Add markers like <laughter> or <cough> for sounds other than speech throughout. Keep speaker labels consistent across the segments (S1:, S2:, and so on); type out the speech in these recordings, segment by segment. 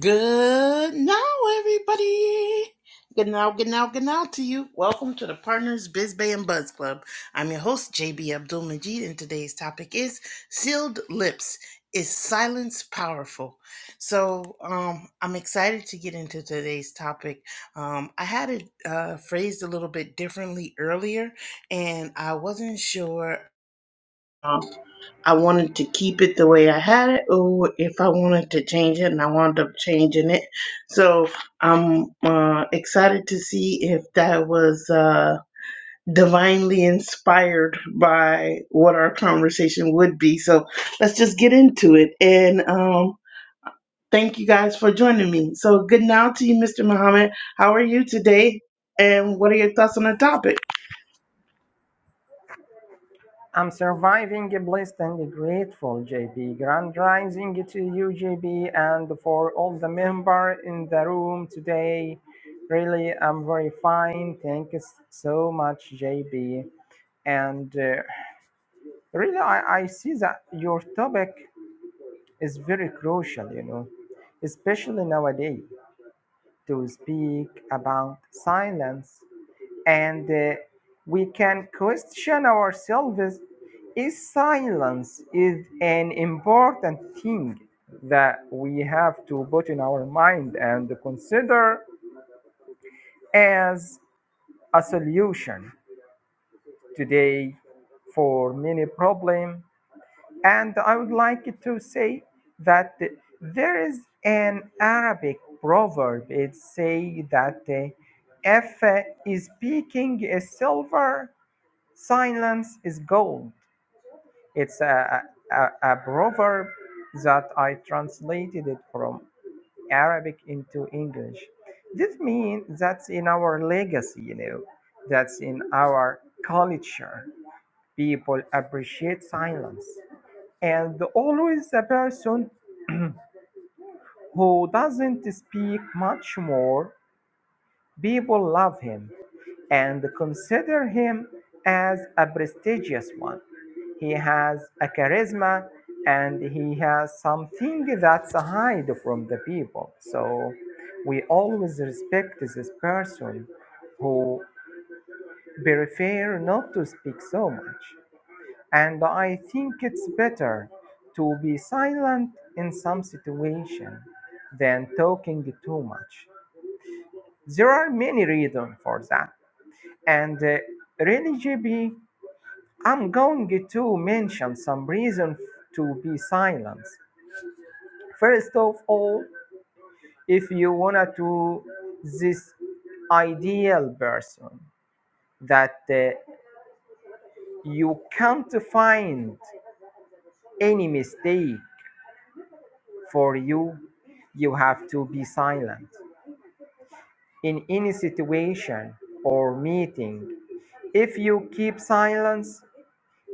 S1: Good now, everybody. Good now, good now, good now to you. Welcome to the Partners Biz Bay and Buzz Club. I'm your host, JB Abdul Majid, and today's topic is Sealed Lips. Is silence powerful? So um, I'm excited to get into today's topic. Um, I had it uh, phrased a little bit differently earlier, and I wasn't sure um, I wanted to keep it the way I had it, or if I wanted to change it, and I wound up changing it. So I'm uh, excited to see if that was uh, divinely inspired by what our conversation would be. So let's just get into it. And um, thank you guys for joining me. So good now to you, Mr. Muhammad. How are you today? And what are your thoughts on the topic?
S2: I'm surviving blessed and grateful, JB. Grand rising to you, JB, and for all the members in the room today. Really, I'm very fine. Thank you so much, JB. And uh, really, I, I see that your topic is very crucial, you know, especially nowadays to speak about silence and uh, we can question ourselves is silence is an important thing that we have to put in our mind and consider as a solution today for many problems? and i would like to say that there is an arabic proverb it say that uh, if uh, is speaking is silver Silence is gold. It's a, a, a proverb that I translated it from Arabic into English. This means that's in our legacy, you know, that's in our culture. People appreciate silence. And always the person who doesn't speak much more, people love him and consider him as a prestigious one. He has a charisma and he has something that's hide from the people. So we always respect this person who prefer not to speak so much. And I think it's better to be silent in some situation than talking too much. There are many reasons for that. And uh, Renny I'm going to mention some reason to be silent. First of all, if you wanna to this ideal person that uh, you can't find any mistake for you, you have to be silent in any situation or meeting. If you keep silence,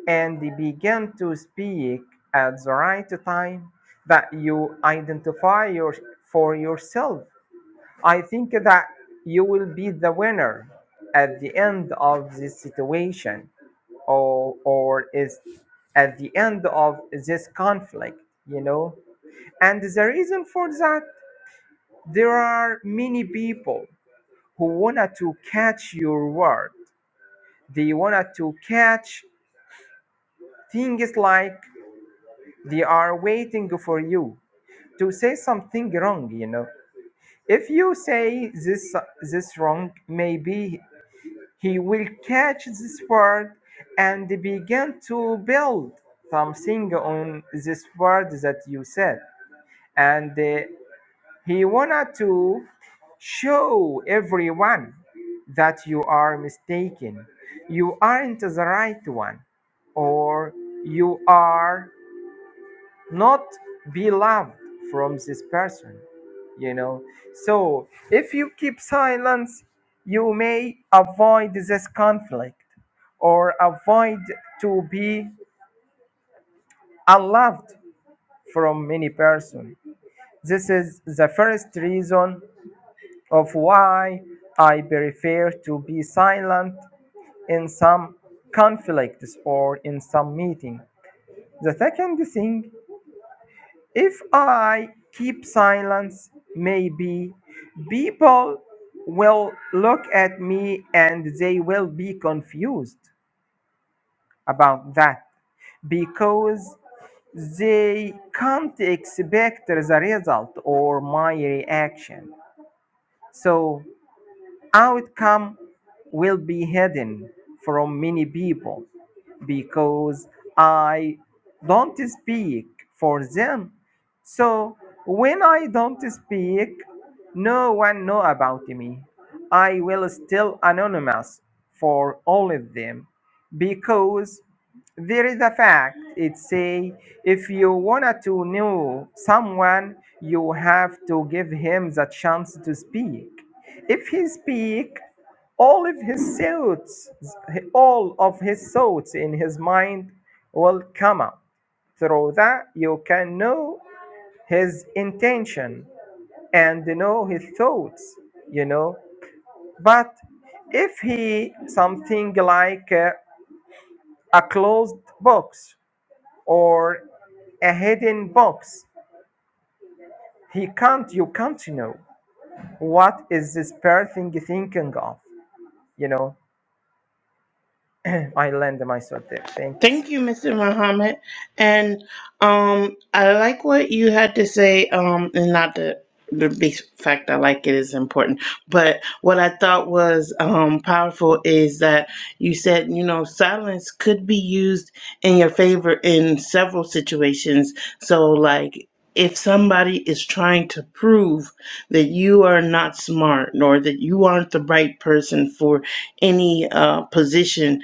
S2: and begin to speak at the right time that you identify your, for yourself. I think that you will be the winner at the end of this situation or, or is at the end of this conflict, you know. And the reason for that, there are many people who wanted to catch your word. They wanted to catch things like They are waiting for you to say something wrong, you know. If you say this this wrong, maybe he will catch this word and begin to build something on this word that you said. And uh, he wanted to show everyone that you are mistaken. You aren't the right one, or you are not be loved from this person you know so if you keep silence you may avoid this conflict or avoid to be unloved from many person this is the first reason of why i prefer to be silent in some conflicts or in some meeting the second thing If I keep silence, maybe people will look at me and they will be confused about that because they can't expect the result or my reaction. So outcome will be hidden from many people because I don't speak for them. So when I don't speak, no one know about me. I will still anonymous for all of them because there is a fact it say if you wanted to know someone you have to give him the chance to speak if he speak all of his thoughts all of his thoughts in his mind will come up through that you can know his intention and know his thoughts you know but if he something like uh, a closed box or a hidden box. He can't, you can't know. What is this person thinking of? You know, <sighs> I land myself there. Thank you.
S1: Thank you, Mr. Muhammad. And um, I like what you had to say. Um, and not the the big fact I like it is important, but what I thought was um powerful is that you said you know silence could be used in your favor in several situations. So like. If somebody is trying to prove that you are not smart or that you aren't the right person for any uh, position,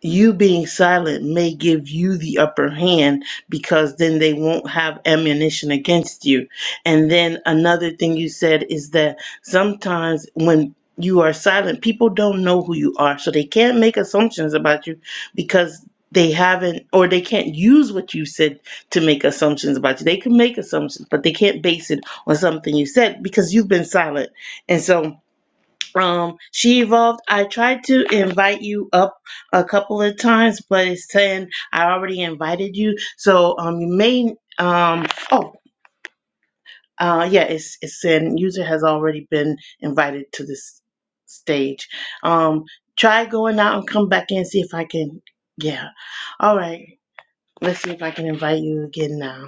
S1: you being silent may give you the upper hand because then they won't have ammunition against you. And then another thing you said is that sometimes when you are silent, people don't know who you are, so they can't make assumptions about you because they haven't or they can't use what you said to make assumptions about you. They can make assumptions, but they can't base it on something you said because you've been silent. And so um she evolved i tried to invite you up a couple of times but it's saying i already invited you so um you may um oh uh yeah it's it's saying user has already been invited to this stage um try going out and come back in see if i can yeah all right let's see if i can invite you again now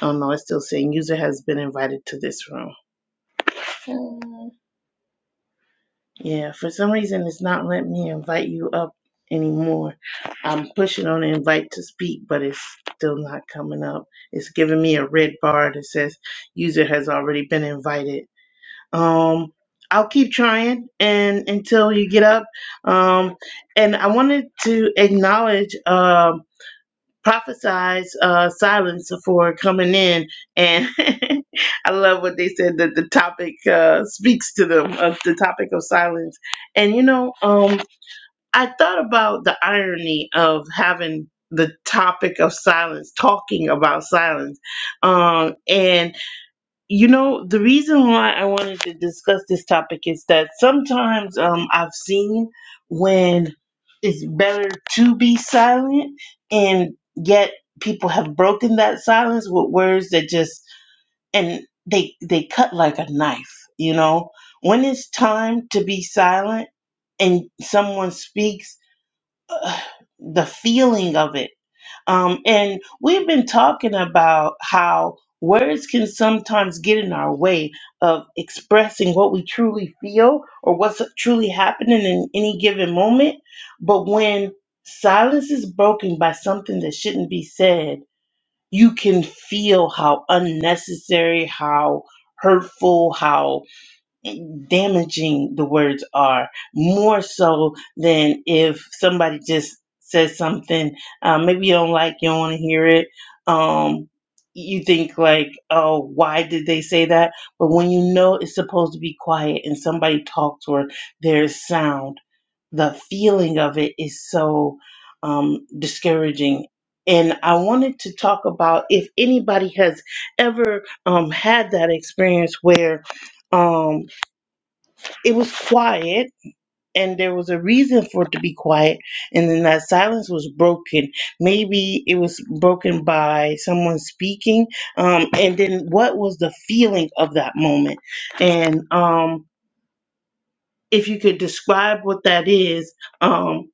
S1: oh no it's still saying user has been invited to this room Yeah, for some reason it's not letting me invite you up anymore. I'm pushing on invite to speak, but it's still not coming up. It's giving me a red bar that says user has already been invited. Um I'll keep trying and until you get up. Um and I wanted to acknowledge um prophesies uh, silence for coming in, and <laughs> I love what they said that the topic uh, speaks to them of the topic of silence. And you know, um, I thought about the irony of having the topic of silence, talking about silence, um, and you know, the reason why I wanted to discuss this topic is that sometimes um, I've seen when it's better to be silent, and yet people have broken that silence with words that just and they they cut like a knife. You know, when it's time to be silent and someone speaks, ugh, the feeling of it. Um, and we've been talking about how words can sometimes get in our way of expressing what we truly feel or what's truly happening in any given moment. But when silence is broken by something that shouldn't be said, you can feel how unnecessary, how hurtful, how damaging the words are more so than if somebody just says something uh, maybe you don't like you don't want to hear it um you think like oh why did they say that but when you know it's supposed to be quiet and somebody talks or there's sound the feeling of it is so um discouraging and i wanted to talk about if anybody has ever um had that experience where um it was quiet and there was a reason for it to be quiet and then that silence was broken maybe it was broken by someone speaking um and then what was the feeling of that moment and um if you could describe what that is, um,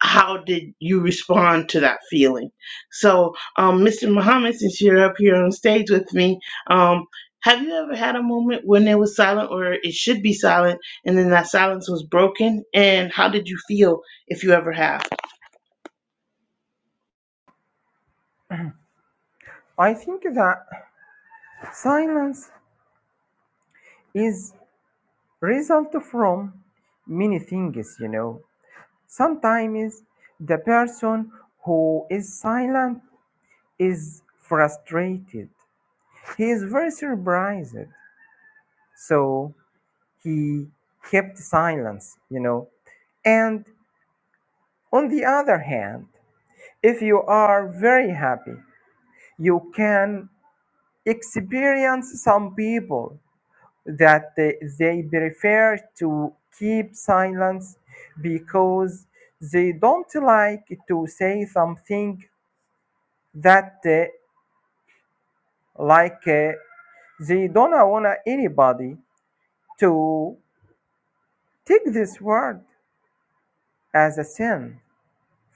S1: how did you respond to that feeling? So, um, Mr. Muhammad, since you're up here on stage with me, um, have you ever had a moment when it was silent or it should be silent and then that silence was broken? And how did you feel if you ever have?
S2: I think that silence is result from many things, you know. Sometimes the person who is silent is frustrated. He is very surprised. So he kept silence, you know. And On the other hand, if you are very happy, you can experience some people that they, they prefer to keep silence because they don't like to say something that uh, like uh, they don't want anybody to take this word as a sin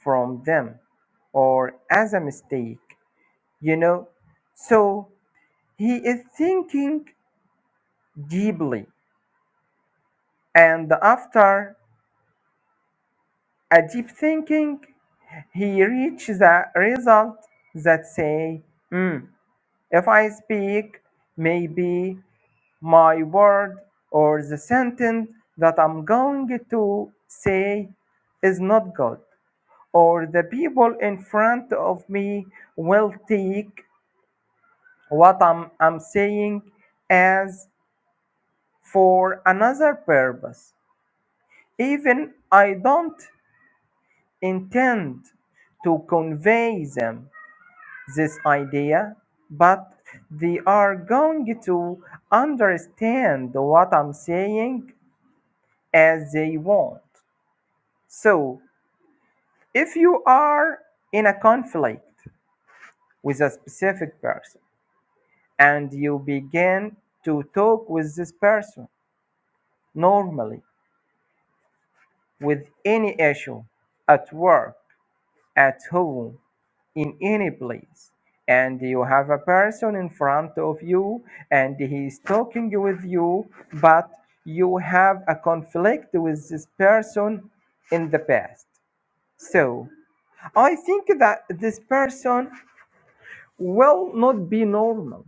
S2: from them or as a mistake you know so He is thinking deeply, and after a deep thinking, he reaches a result that say, "Hmm, if I speak, maybe my word or the sentence that I'm going to say is not good, or the people in front of me will take what I'm, I'm saying as for another purpose. Even I don't intend to convey them this idea, but they are going to understand what I'm saying as they want. So, if you are in a conflict with a specific person and you begin to talk with this person normally with any issue at work, at home, in any place and you have a person in front of you and he is talking with you but you have a conflict with this person in the past so i think that this person will not be normal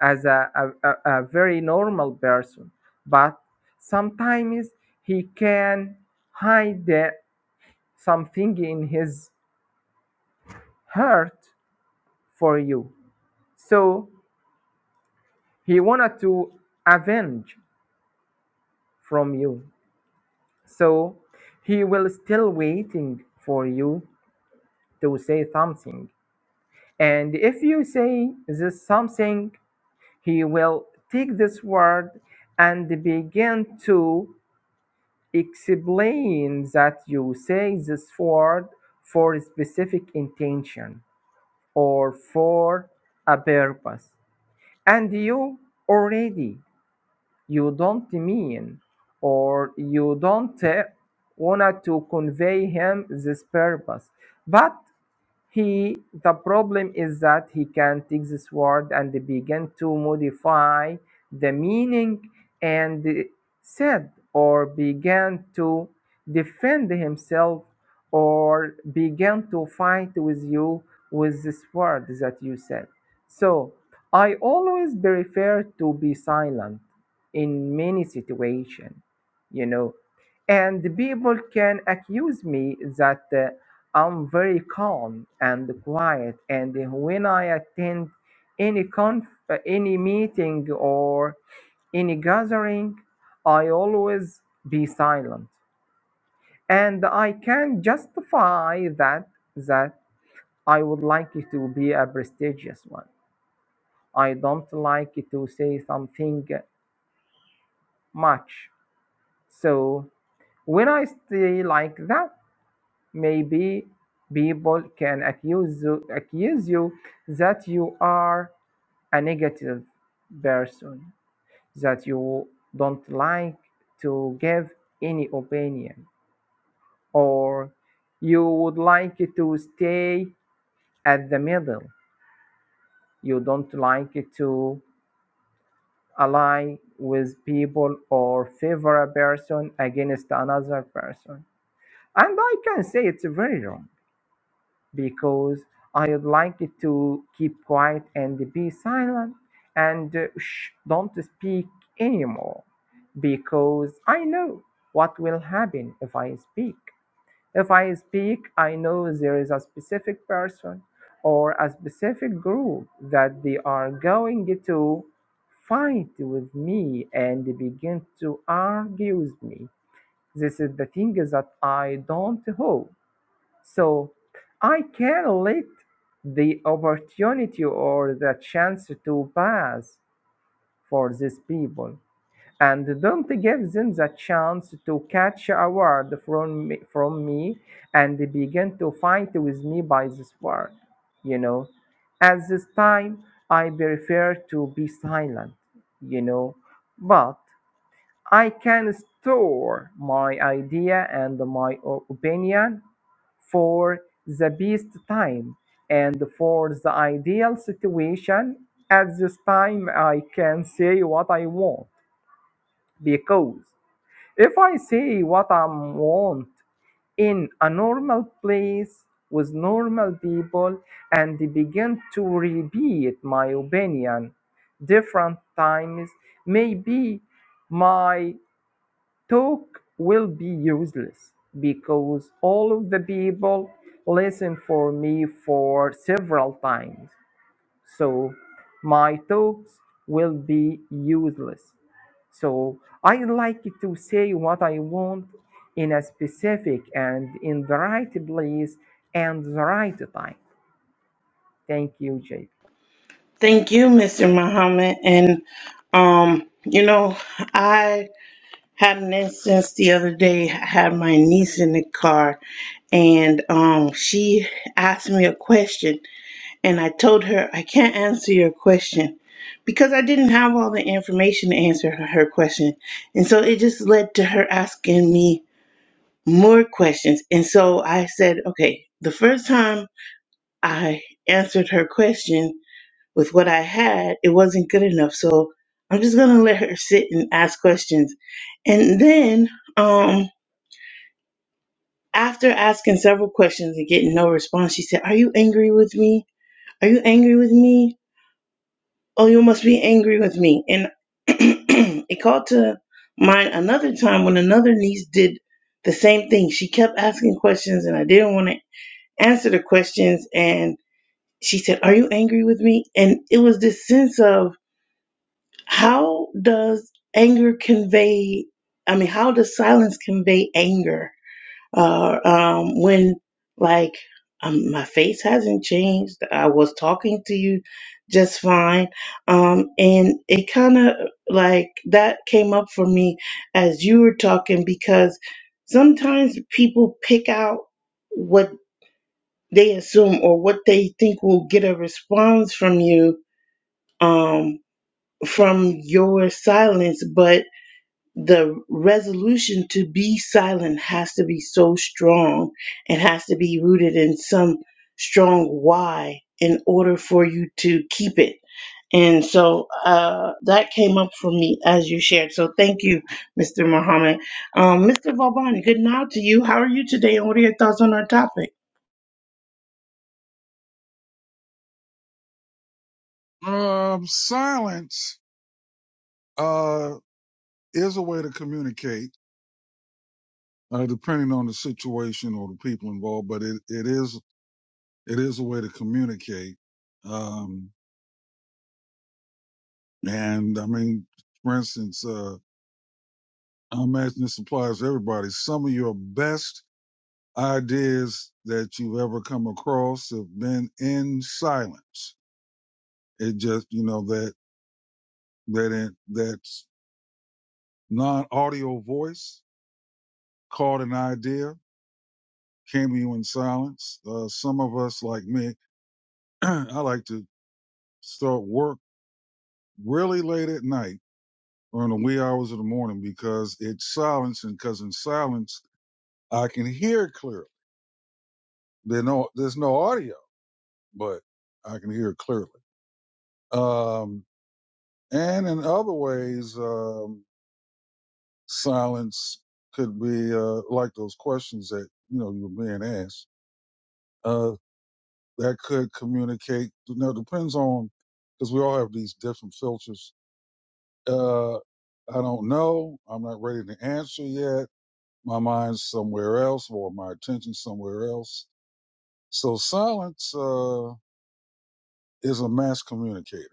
S2: as a, a, a a very normal person but sometimes he can hide uh, something in his heart for you so He wanted to avenge from you. So he will still waiting for you to say something. And if you say this something, he will take this word and begin to explain that you say this word for a specific intention or for a purpose. And you already you don't mean or you don't uh, want to convey him this purpose but he the problem is that he can take this word and begin to modify the meaning and said or began to defend himself or began to fight with you with this word that you said. So I always prefer to be silent in many situations, you know and people can accuse me that uh, I'm very calm and quiet, and when I attend any conf- uh, any meeting or any gathering, I always be silent, and I can justify that that I would like it to be a prestigious one. I don't like it to say something much. So when I stay like that, Maybe people can accuse you, accuse you that you are a negative person, that you don't like to give any opinion, or you would like to stay at the middle. You don't like to ally with people or favor a person against another person. And I can say it's very wrong. because I'd like to keep quiet and be silent and uh, shh, don't speak anymore because I know what will happen if I speak. If I speak, I know there is a specific person or a specific group that they are going to fight with me and begin to argue with me. This is the thing that I don't hope. So I can let the opportunity or the chance to pass for these people and don't give them the chance to catch a word from me, from me and begin to fight with me by this word you know at this time i prefer to be silent you know but i can store my idea and my o- opinion for the best time and for the ideal situation at this time i can say what i want because if i say what i want in a normal place with normal people and begin to repeat my opinion different times maybe my talk will be useless because all of the people listen for me for several times so my talks will be useless so i like to say what i want in a specific and in the right place and the right time thank you jp
S1: Thank you, Mr. Muhammad. And, um, you know, I had an instance the other day. I had my niece in the car and um, she asked me a question, and I told her I can't answer your question because I didn't have all the information to answer her her question, and so it just led to her asking me more questions, and so I said, okay, the first time I answered her question with what I had, it wasn't good enough, so I'm just gonna let her sit and ask questions, and then um. After asking several questions and getting no response, she said, Are you angry with me? Are you angry with me? Oh, you must be angry with me. And <clears throat> it called to mind another time when another niece did the same thing. She kept asking questions and I didn't want to answer the questions. And she said, Are you angry with me? And it was this sense of how does anger convey, I mean, how does silence convey anger? Uh, um, when like um, my face hasn't changed. I was talking to you just fine, um, and it kind of like that came up for me as you were talking because sometimes people pick out what they assume or what they think will get a response from you um, from your silence, but the resolution to be silent has to be so strong it has to be rooted in some strong why in order for you to keep it. And so uh, that came up for me as you shared. So thank you, Mr. Muhammad. Um, Mr. Vauban, good night to you. How are you today? And what are your thoughts on our topic?
S3: Um, silence uh, is a way to communicate, uh, depending on the situation or the people involved. But it, it is it is a way to communicate. Um, and I mean, for instance, uh, I imagine this applies to everybody. Some of your best ideas that you've ever come across have been in silence. It just you know that that that non audio voice caught an idea cameo in silence. Uh, some of us, like me, <clears throat> I like to start work really late at night or in the wee hours of the morning because it's silence, and because in silence I can hear clearly. There no, there's no audio, but I can hear clearly. Um, and in other ways, um, silence could be uh, like those questions that you know you're being asked. Uh, that could communicate. You know, depends on because we all have these different filters Uh, I don't know. I'm not ready to answer yet. My mind's somewhere else or my attention's somewhere else. So silence uh, is a mass communicator.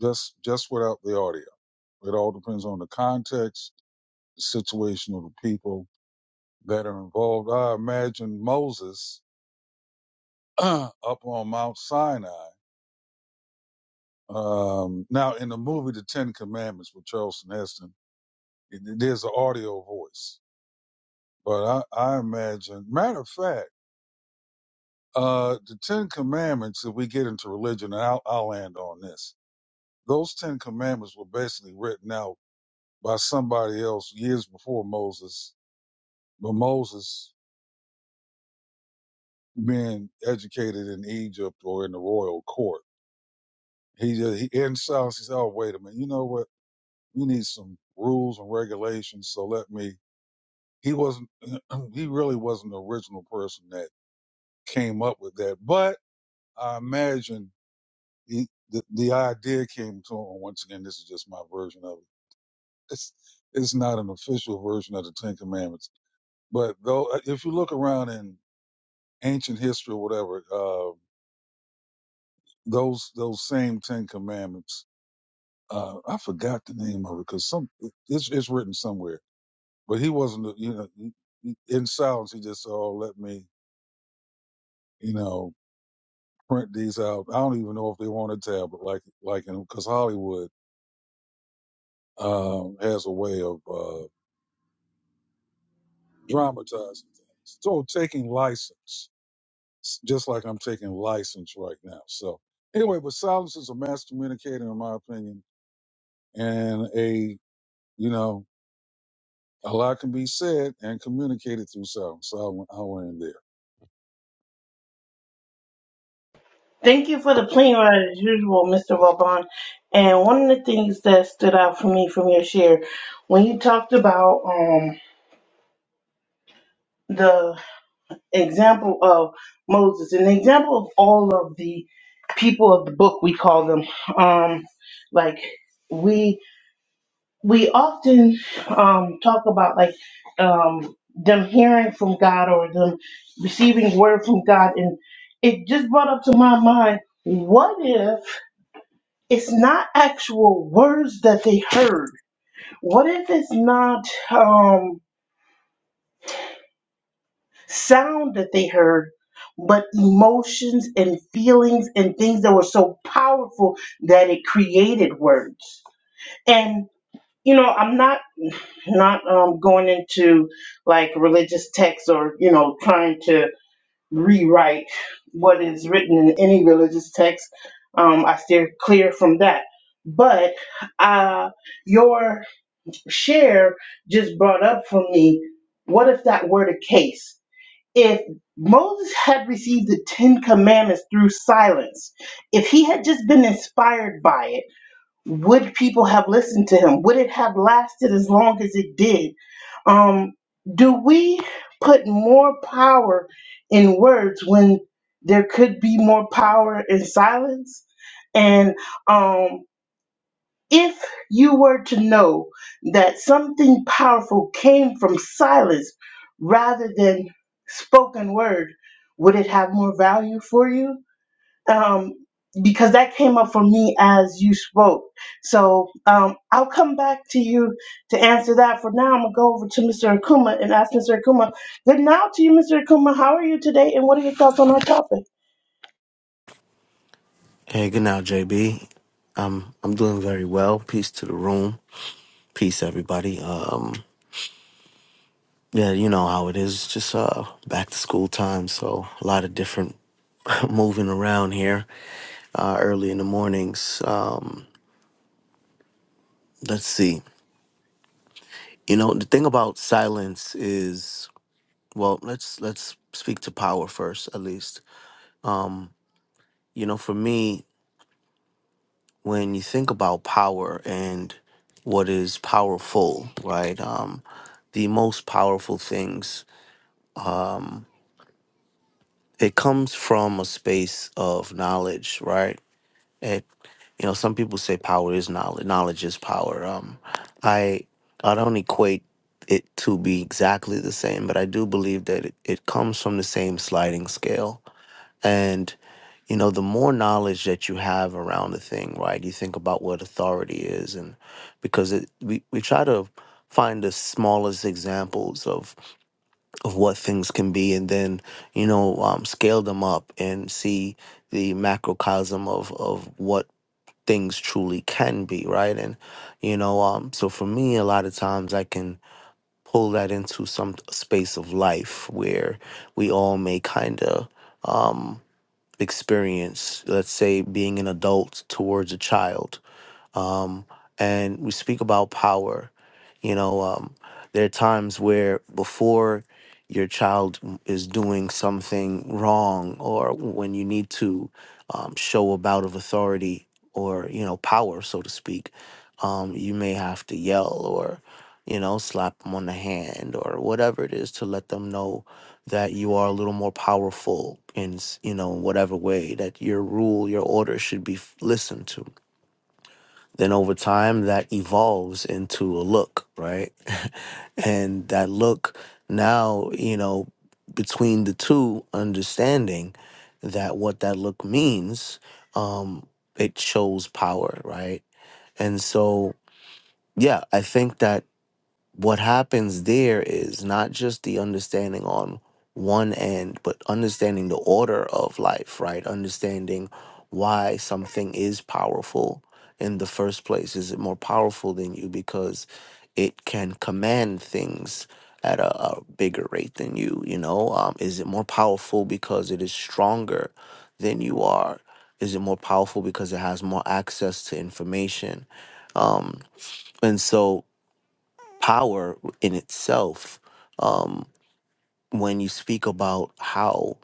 S3: That's just without the audio. It all depends on the context, the situation of the people that are involved. I imagine Moses <clears throat> up on Mount Sinai. Um, now, in the movie The Ten Commandments with Charlton Heston, it- there's an audio voice. But I, I imagine, matter of fact, Uh, the Ten Commandments, if we get into religion, and I'll, I'll land on this, those Ten Commandments were basically written out by somebody else years before Moses, but Moses being educated in Egypt or in the royal court, he, ju- he in silence, he said, oh, wait a minute, you know what? We need some rules and regulations, so let me, he wasn't, <clears throat> he really wasn't the original person that came up with that, but I imagine he, the, the idea came to him. Once again, this is just my version of it. It's, it's not an official version of the Ten Commandments. But though, uh, if you look around in ancient history or whatever, uh, those, those same Ten Commandments, uh, I forgot the name of it because some, it's, it's written somewhere, but he wasn't, you know, he- in silence, he just said, Oh, let me, you know, print these out. I don't even know if they want a tablet like, like, in because Hollywood, um, has a way of, Uh, dramatizing things. So taking license, s- just like I'm taking license right now. So anyway, but silence is a mass communicator, in my opinion, and a you know a lot can be said and communicated through silence. So I went, I went in there.
S1: Thank you for the plane ride as usual, Mr. Vauban. And one of the things that stood out for me from your share, when you talked about um, the example of Moses, an example of all of the people of the book, we call them. Um, like we we often um, talk about like um, them hearing from God or them receiving word from God, and it just brought up to my mind. What if it's not actual words that they heard? What if it's not? Um, sound that they heard, but emotions and feelings and things that were so powerful that it created words. And you know, I'm not not um, going into like religious texts or you know trying to rewrite what is written in any religious text. Um, I steer clear from that. But uh, your share just brought up for me. What if that were the case? if Moses had received the Ten Commandments through silence, if he had just been inspired by it, would people have listened to him? Would it have lasted as long as it did? Um, do we put more power in words when there could be more power in silence? And um, if you were to know that something powerful came from silence rather than spoken word, would it have more value for you? Um, because that came up for me as you spoke. So um, I'll come back to you to answer that. For now, I'm going to go over to Mr. Akuma and ask Mr. Akuma, good now to you, Mr. Akuma. How are you today? And what are your thoughts on our topic?
S4: Hey, good now, JB. Um, I'm doing very well. Peace to the room. Peace, everybody. Um, yeah, you know how it is. It's Just uh, back to school time, so a lot of different <laughs> moving around here uh, early in the mornings. Um, let's see. You know, the thing about silence is, well, let's let's speak to power first, at least. You know, for me, when you think about power and what is powerful, right? Um, the most powerful things, it comes from a space of knowledge, right? It, you know, some people say power is knowledge. Knowledge is power. Um, I, I don't equate it to be exactly the same, but I do believe that it, it comes from the same sliding scale. you know, the more knowledge that you have around a thing, right? You think about what authority is, and because it, we we try to find the smallest examples of of what things can be, and then you know um, scale them up and see the macrocosm of of what things truly can be, right? And you know, um, so for me, a lot of times I can pull that into some space of life where we all may kind of experience, let's say being an adult towards a child um, and we speak about power. You know, um, there are times where before your child is doing something wrong, or when you need to um, show a bout of authority or you know power, so to speak, um, you may have to yell or you know slap them on the hand or whatever it is to let them know that you are a little more powerful in s- you know whatever way that your rule, your order should be f- listened to then over time, that evolves into a look, right? <laughs> and that look now, you know, between the two, understanding that what that look means, um, it shows power, right? And so, yeah, I think that what happens there is not just the understanding on one end, but understanding the order of life, right? Understanding why something is powerful in the first place. Is it more powerful than you because it can command things at a, a bigger rate than you? You know, um, is it more powerful because it is stronger than you are? Is it more powerful because it has more access to information? Um, and so power in itself um, when you speak about how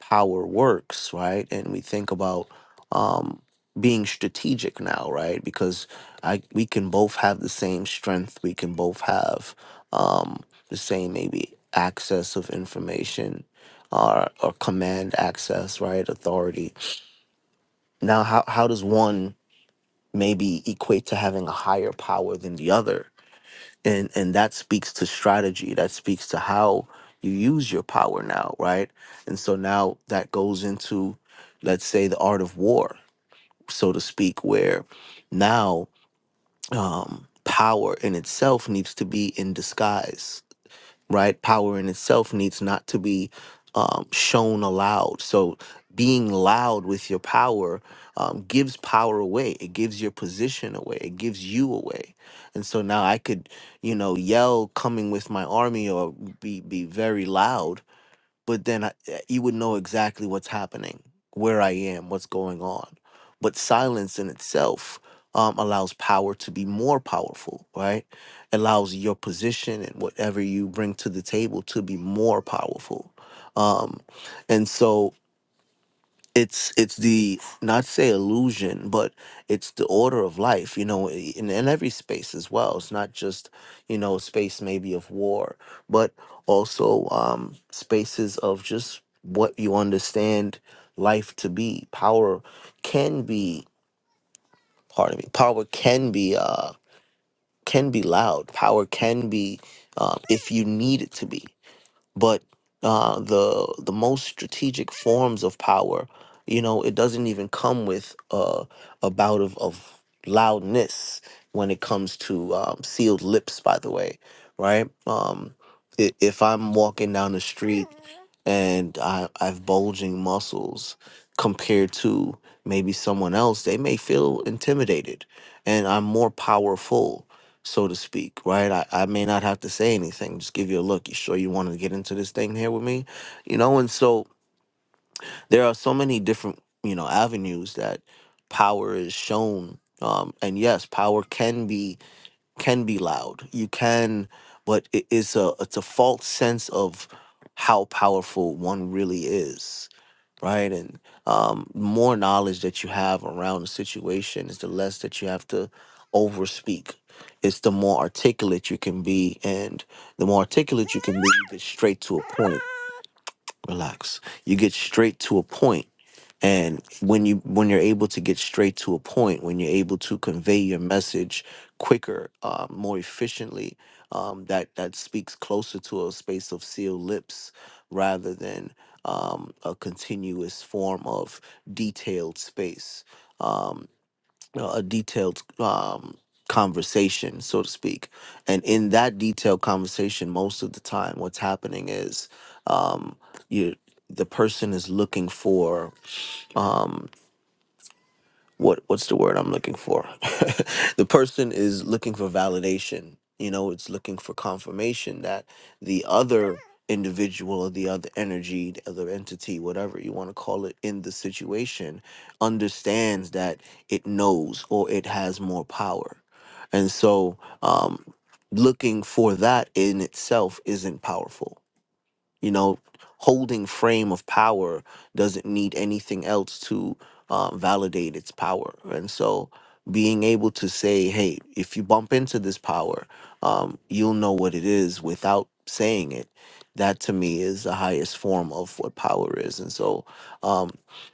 S4: power works, right? And we think about um, being strategic now, right? Because I we can both have the same strength. We can both have um, the same maybe access of information or, or command access, right? Authority. Now, how, how does one maybe equate to having a higher power than the other? and and that speaks to strategy that speaks to how you use your power now right and so now that goes into let's say the art of war so to speak where now um power in itself needs to be in disguise right? Power in itself needs not to be um, shown aloud. So being loud with your power um, gives power away. It gives your position away. It gives you away. And so now I could, you know, yell coming with my army or be be very loud but then I, eh, you would know exactly what's happening, where I am, what's going on. But silence in itself um, allows power to be more powerful, right? Allows your position and whatever you bring to the table to be more powerful. Um, and so it's it's the not say illusion but it's the order of life you know i- in, in every space as well it's not just you know space maybe of war but also um spaces of just what you understand life to be power can be pardon me power can be uh can be loud power can be um, if you need it to be but uh, the the most strategic forms of power, you know, it doesn't even come with uh, a bout of, of loudness when it comes to um, sealed lips. By the way, right? Um, i- if I'm walking down the street and I, I've bulging muscles compared to maybe someone else, they may feel intimidated, and I'm more powerful so to speak, right? I, I may not have to say anything, just give you a look. You sure you want to get into this thing here with me? You know, and so there are so many different, you know, avenues that power is shown. Um, and yes, power can be can be loud. You can, but it is a it's a false sense of how powerful one really is right? And um, more knowledge that you have around the situation is the less that you have to overspeak. It's the more articulate you can be, and the more articulate you can be, you get straight to a point. Relax. You get straight to a point and when you when you're able to get straight to a point when you're able to convey your message quicker uh, more efficiently um, that that speaks closer to a space of sealed lips rather than um, a continuous form of detailed space um, uh, a detailed um, conversation so to speak and in that detailed conversation most of the time what's happening is um, you the person is looking for what what's the word I'm looking for? <laughs> the person is looking for validation. You know, it's looking for confirmation that the other individual or the other energy, the other entity, whatever you want to call it in the situation, understands that it knows or it has more power. And so um looking for that in itself isn't powerful you know holding frame of power doesn't need anything else to uh, validate its power and so being able to say hey if you bump into this power um, you'll know what it is without saying it that to me is the highest form of what power is and so um,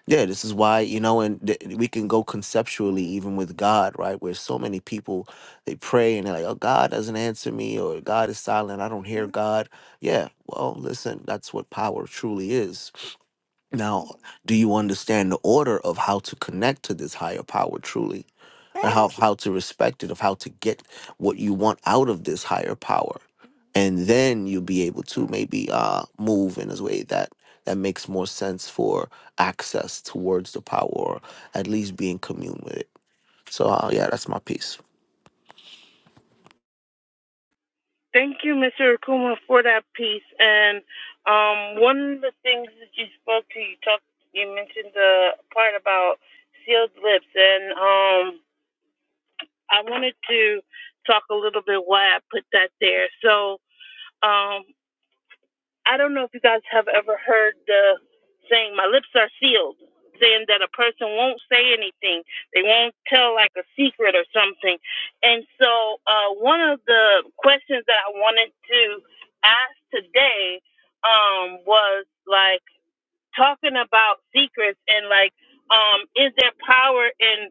S4: yeah this is why you know and th- we can go conceptually even with god right where so many people they pray and they're like oh god doesn't answer me or god is silent i don't hear god yeah, well, listen, that's what power truly is. Now, do you understand the order of how to connect to this higher power truly? And how, Right. how to respect it, of how to get what you want out of this higher power. And then you'll be able to maybe uh, move in a way that, that makes more sense for access towards the power or at least be in commune with it. So, uh, yeah, that's my piece.
S1: Thank you, Mr. Akuma, for that piece. And um, one of the things that you spoke to, you talked, you mentioned the part about sealed lips, and um, I wanted to talk a little bit why I put that there. So. Um, I don't know if you guys have ever heard the saying, my lips are sealed, saying that a person won't say anything. They won't tell like a secret or something. And so, uh, one of the questions that I wanted to ask today um, was like, talking about secrets and like um is there power in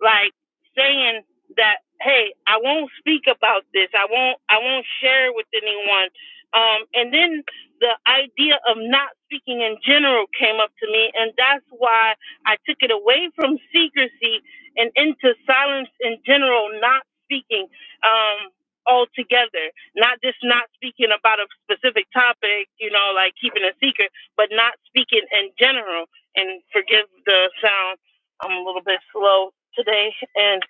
S1: like saying that hey i won't speak about this i won't i won't share with anyone um and then the idea of not speaking in general came up to me and that's why i took it away from secrecy and into silence in general not speaking um altogether not just not speaking about a specific topic you know like keeping a secret but not speaking in general. And forgive the sound. I'm a little bit slow today, and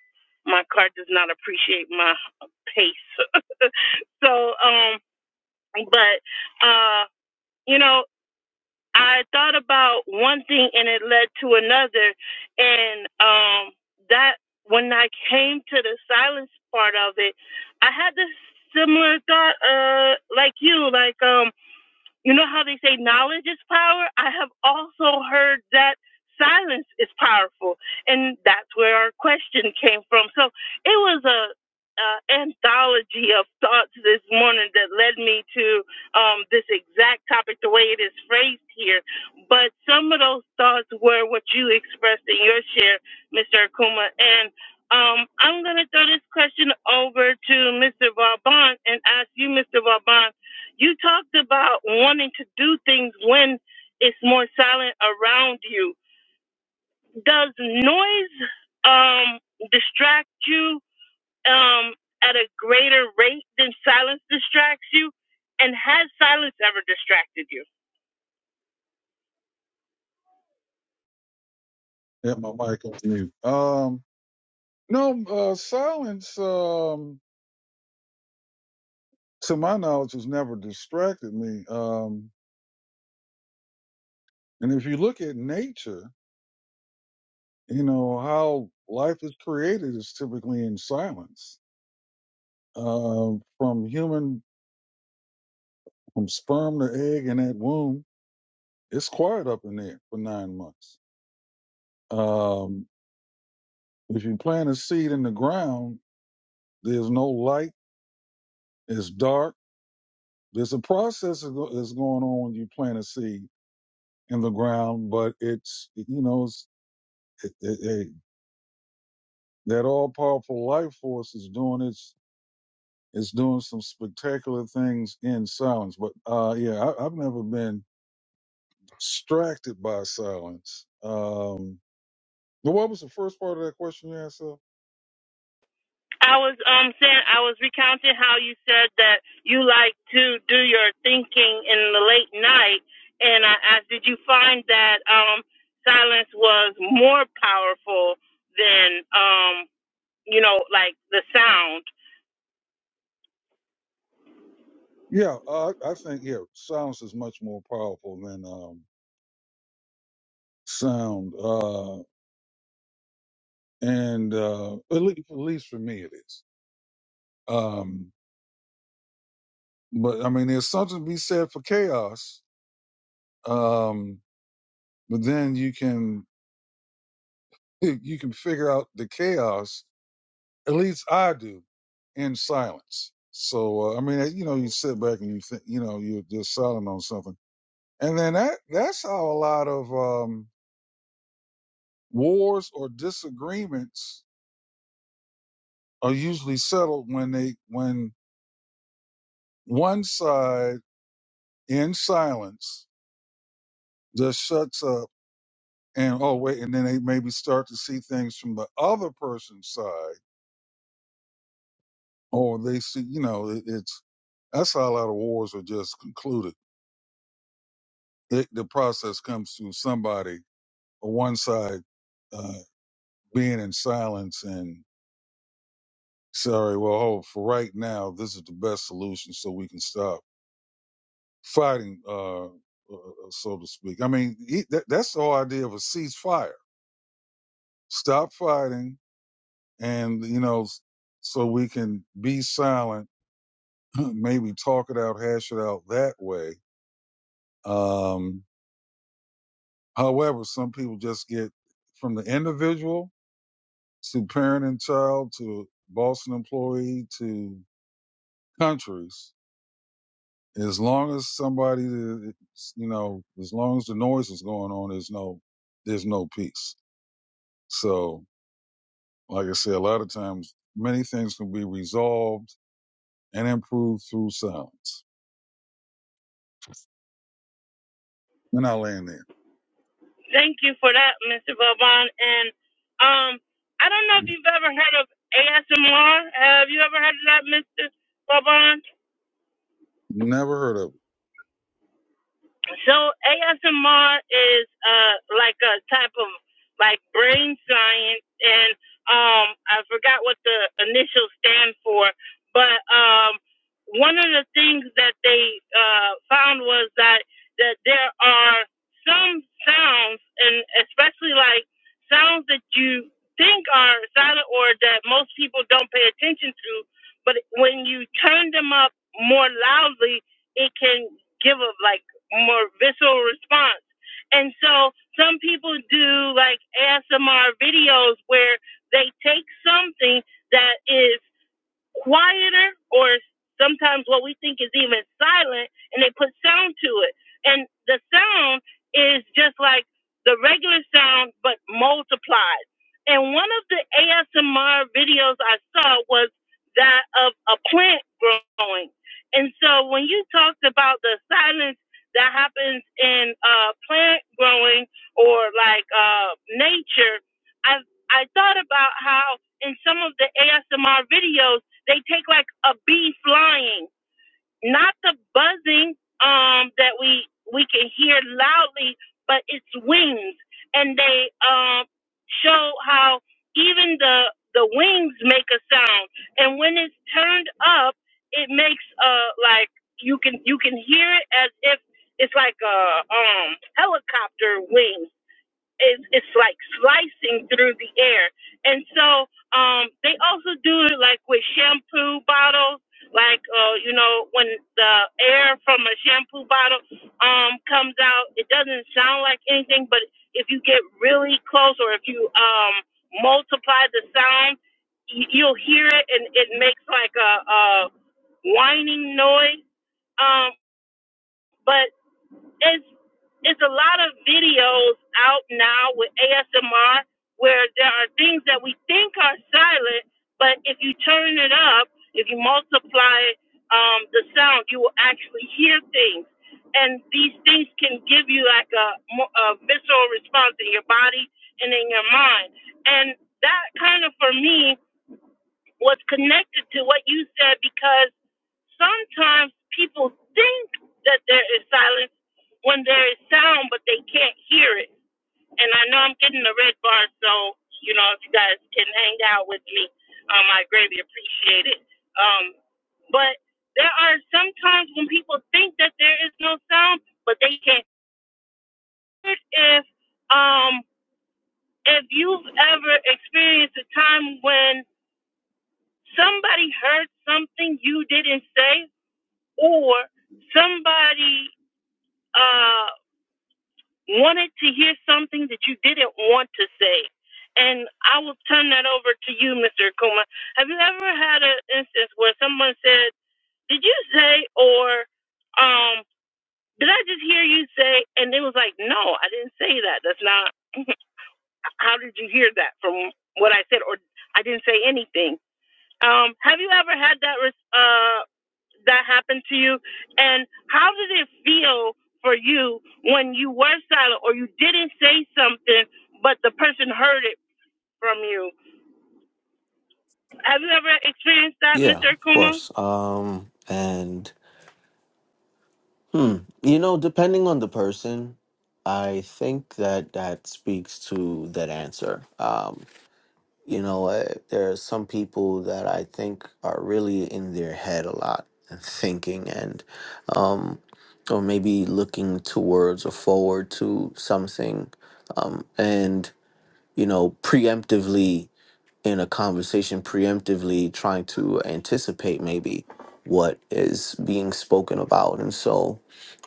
S1: my car does not appreciate my pace. So, um, but uh, you know, I thought about one thing, and it led to another, and um, that when I came to the silence part of it, I had this similar thought, uh, like you, like um you know how they say knowledge is power? I have also heard that silence is powerful. And that's where our question came from. So it was a uh, anthology of thoughts this morning that led me to um, this exact topic, the way it is phrased here. But some of those thoughts were what you expressed in your share, Mr. Akuma. And um, I'm going to throw this question over to Mr. Vauban and ask you, Mr. Vauban, you talked about wanting to do things when it's more silent around you. Does noise um, distract you um, at a greater rate than silence distracts you? And has silence ever distracted you?
S3: Had my mic on mute. Um, no, uh, silence. Um, to my knowledge, has never distracted me. Um, and if you look at nature, you know how life is created is typically in silence Uh, from human, from sperm to egg in that womb, it's quiet up in there for nine months. Um, if you plant a seed in the ground, there's no light, it's dark. There's a process that go- that's going on when you plant a seed in the ground, but it's, you know, it's, it, it, it, that all powerful life force is doing its, is doing some spectacular things in silence. But, uh, yeah, I, I've never been distracted by silence. Um, Now, what was the first part of that question you asked? Seth?
S1: I was um saying I was recounting how you said that you like to do your thinking in the late night, and I asked, did you find that um silence was more powerful than um you know, like the sound.
S3: Yeah, uh, I I think yeah, silence is much more powerful than um, sound, uh, and uh, at, least, at least for me it is. Um, but I mean, there's something to be said for chaos. Um, but then you can <laughs> you can figure out the chaos. At least I do in silence. So uh, I mean, you know, you sit back and you think, you know, you're just silent on something, and then that that's how a lot of um, wars or disagreements are usually settled when they when one side in silence just shuts up and oh wait and then they maybe start to see things from the other person's side or they see you know it, it's that's how a lot of wars are just concluded it, the process comes through somebody or one side uh, being in silence and sorry well oh for right now this is the best solution so we can stop fighting, uh, uh, uh, so to speak. I mean, he, that, that's the whole idea of a ceasefire. Stop fighting, and you know, s- so we can be silent, <clears throat> maybe talk it out, hash it out that way. Um, however, some people just get from the individual to parent and child to boss and employee to countries. As long as somebody, is- you know, as long as the noise is going on, there's no, there's no peace. So, Like I say, a lot of times, many things can be resolved and improved through silence. And I land there.
S1: Thank you for that, Mr. Vaughn. And um, I don't know if you've ever heard of ASMR. Have you ever heard of that, Mr. Vaughn?
S3: Never heard of it.
S1: So ASMR is uh like a type of like brain science and um I forgot what the initials stand for, but um one of the things that they uh found was that that there are some sounds and especially like sounds that you think are silent or that most people don't pay attention to, but when you turn them up more loudly, it can give a like more visceral response. And so some people do like ASMR videos where they take something that is quieter or sometimes what we think is even silent and they put sound to it and the sound is just like the regular sound but multiplied and one of the asmr videos i saw was that of a plant growing and so when you talked about the silence that happens in uh, plant growing or like uh, nature i i thought about how in some of the asmr videos they take like a bee flying, not the buzzing um that we we can hear loudly, but its wings. And they um show how even the the wings make a sound. And when it's turned up, it makes uh like you can you can hear it as if it's like a um helicopter wing it's, it's like slicing through the air. And so um, they also do it like with shampoo bottles, like uh, you know when the air from a shampoo bottle um, comes out, it doesn't sound like anything, but if you get really close or if you um, multiply the sound, y- you'll hear it, and it makes like a, a whining noise. Um, but it's it's a lot of videos out now with ASMR where there are things that we think are silent, but if you turn it up, if you multiply um, the sound, you will actually hear things. And these things can give you like a, mo- a visceral response in your body and in your mind. And that kind of, for me, was connected to what you said because sometimes people think that there is silence when there is sound, but they can't hear it. And I know I'm getting the red bar, so you know if you guys can hang out with me, um, I greatly appreciate it. Um, but there are sometimes when people think that there is no sound, but they can't hear it. If um, if you've ever experienced a time when somebody heard something you didn't say, or somebody uh, wanted to hear something that you didn't want to say. And I will turn that over to you, Mr. Akuma. Have you ever had an instance where someone said, Did you say, or um, did I just hear you say? And it was like, No, I didn't say that. That's not, <laughs> how did you hear that from what I said? Or I didn't say anything. Um, have you ever had that? res- uh, that happened to you? And how did it feel for you when you were silent or you didn't say something, but the person heard it from you? Have you ever experienced that,
S4: Yeah,
S1: Mr.
S4: of
S1: Akuma?
S4: course. Um, and Hmm. You know, depending on the person, I think that that speaks to that answer. Um, you know, uh, there are some people that I think are really in their head a lot and <laughs> thinking and, um, or maybe looking towards or forward to something, um, and you know, preemptively in a conversation preemptively trying to anticipate maybe what is being spoken about and so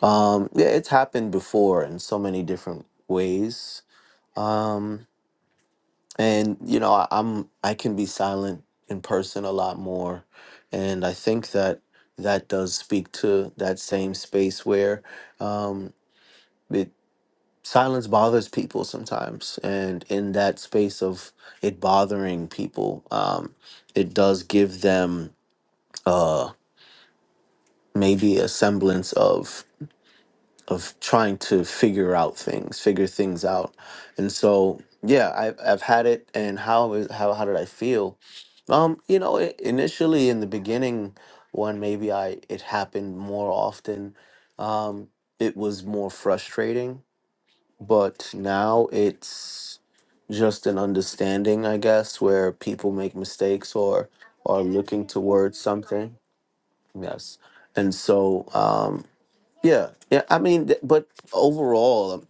S4: um yeah it's happened before in so many different ways um and you know I, i'm i can be silent in person a lot more and i think that that does speak to that same space where um it silence bothers people sometimes and in that space of it bothering people um it does give them uh maybe a semblance of of trying to figure out things figure things out and so yeah i've, I've had it and how is how, how did i feel um you know i initially in the beginning when maybe i it happened more often um it was more frustrating but now it's just an understanding, I guess, where people make mistakes or are looking towards something. Yes, and so um, yeah, yeah. I mean, th- but overall, um,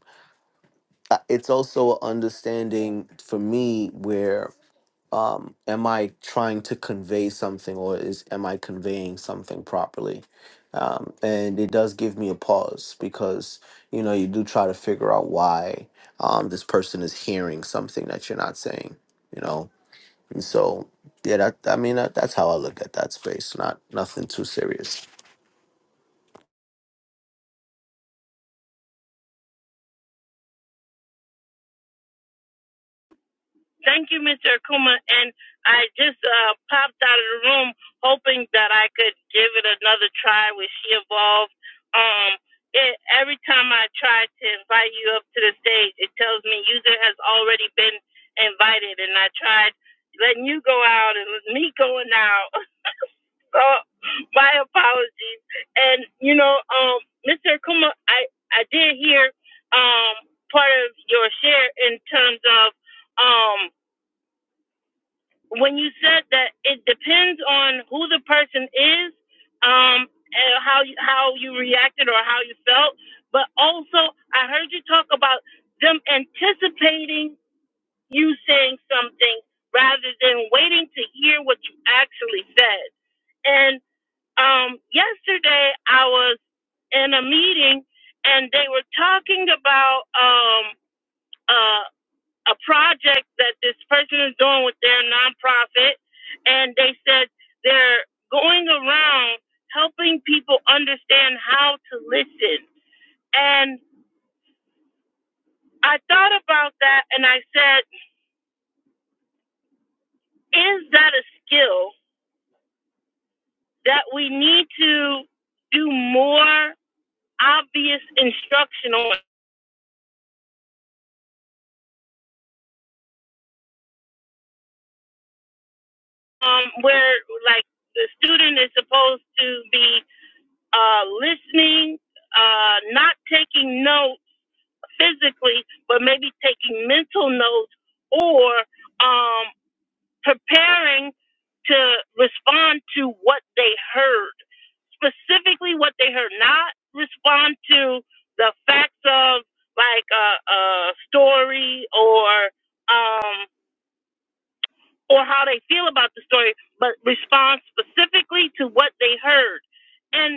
S4: I- it's also an understanding for me where um am i trying to convey something or is am i conveying something properly um and it does give me a pause because you know you do try to figure out why um this person is hearing something that you're not saying you know and so yeah that i mean that, that's how i look at that space not nothing too serious
S1: Thank you, Mr. Akuma. And I just uh, popped out of the room hoping that I could give it another try with She Evolved. Um, it, every time I try to invite you up to the stage, it tells me user has already been invited. And I tried letting you go out and it me going out. <laughs> So my apologies. And, you know, um, Mr. Akuma, I, I did hear um, part of your share in terms of. Um, when you said that it depends on who the person is, um, and how you, how you reacted or how you felt, but also I heard you talk about them anticipating you saying something rather than waiting to hear what you actually said. And um, yesterday I was in a meeting and they were talking about um, uh, a project that this person is doing with their nonprofit, and they said they're going around helping people understand how to listen. And I thought about that and I said, is that a skill that we need to do more obvious instruction on? Um, where like the student is supposed to be uh, listening, uh, not taking notes physically, but maybe taking mental notes or um, preparing to respond to what they heard, specifically what they heard, not respond to the facts of like a, a story or um, or how they feel about the story, but respond specifically to what they heard. and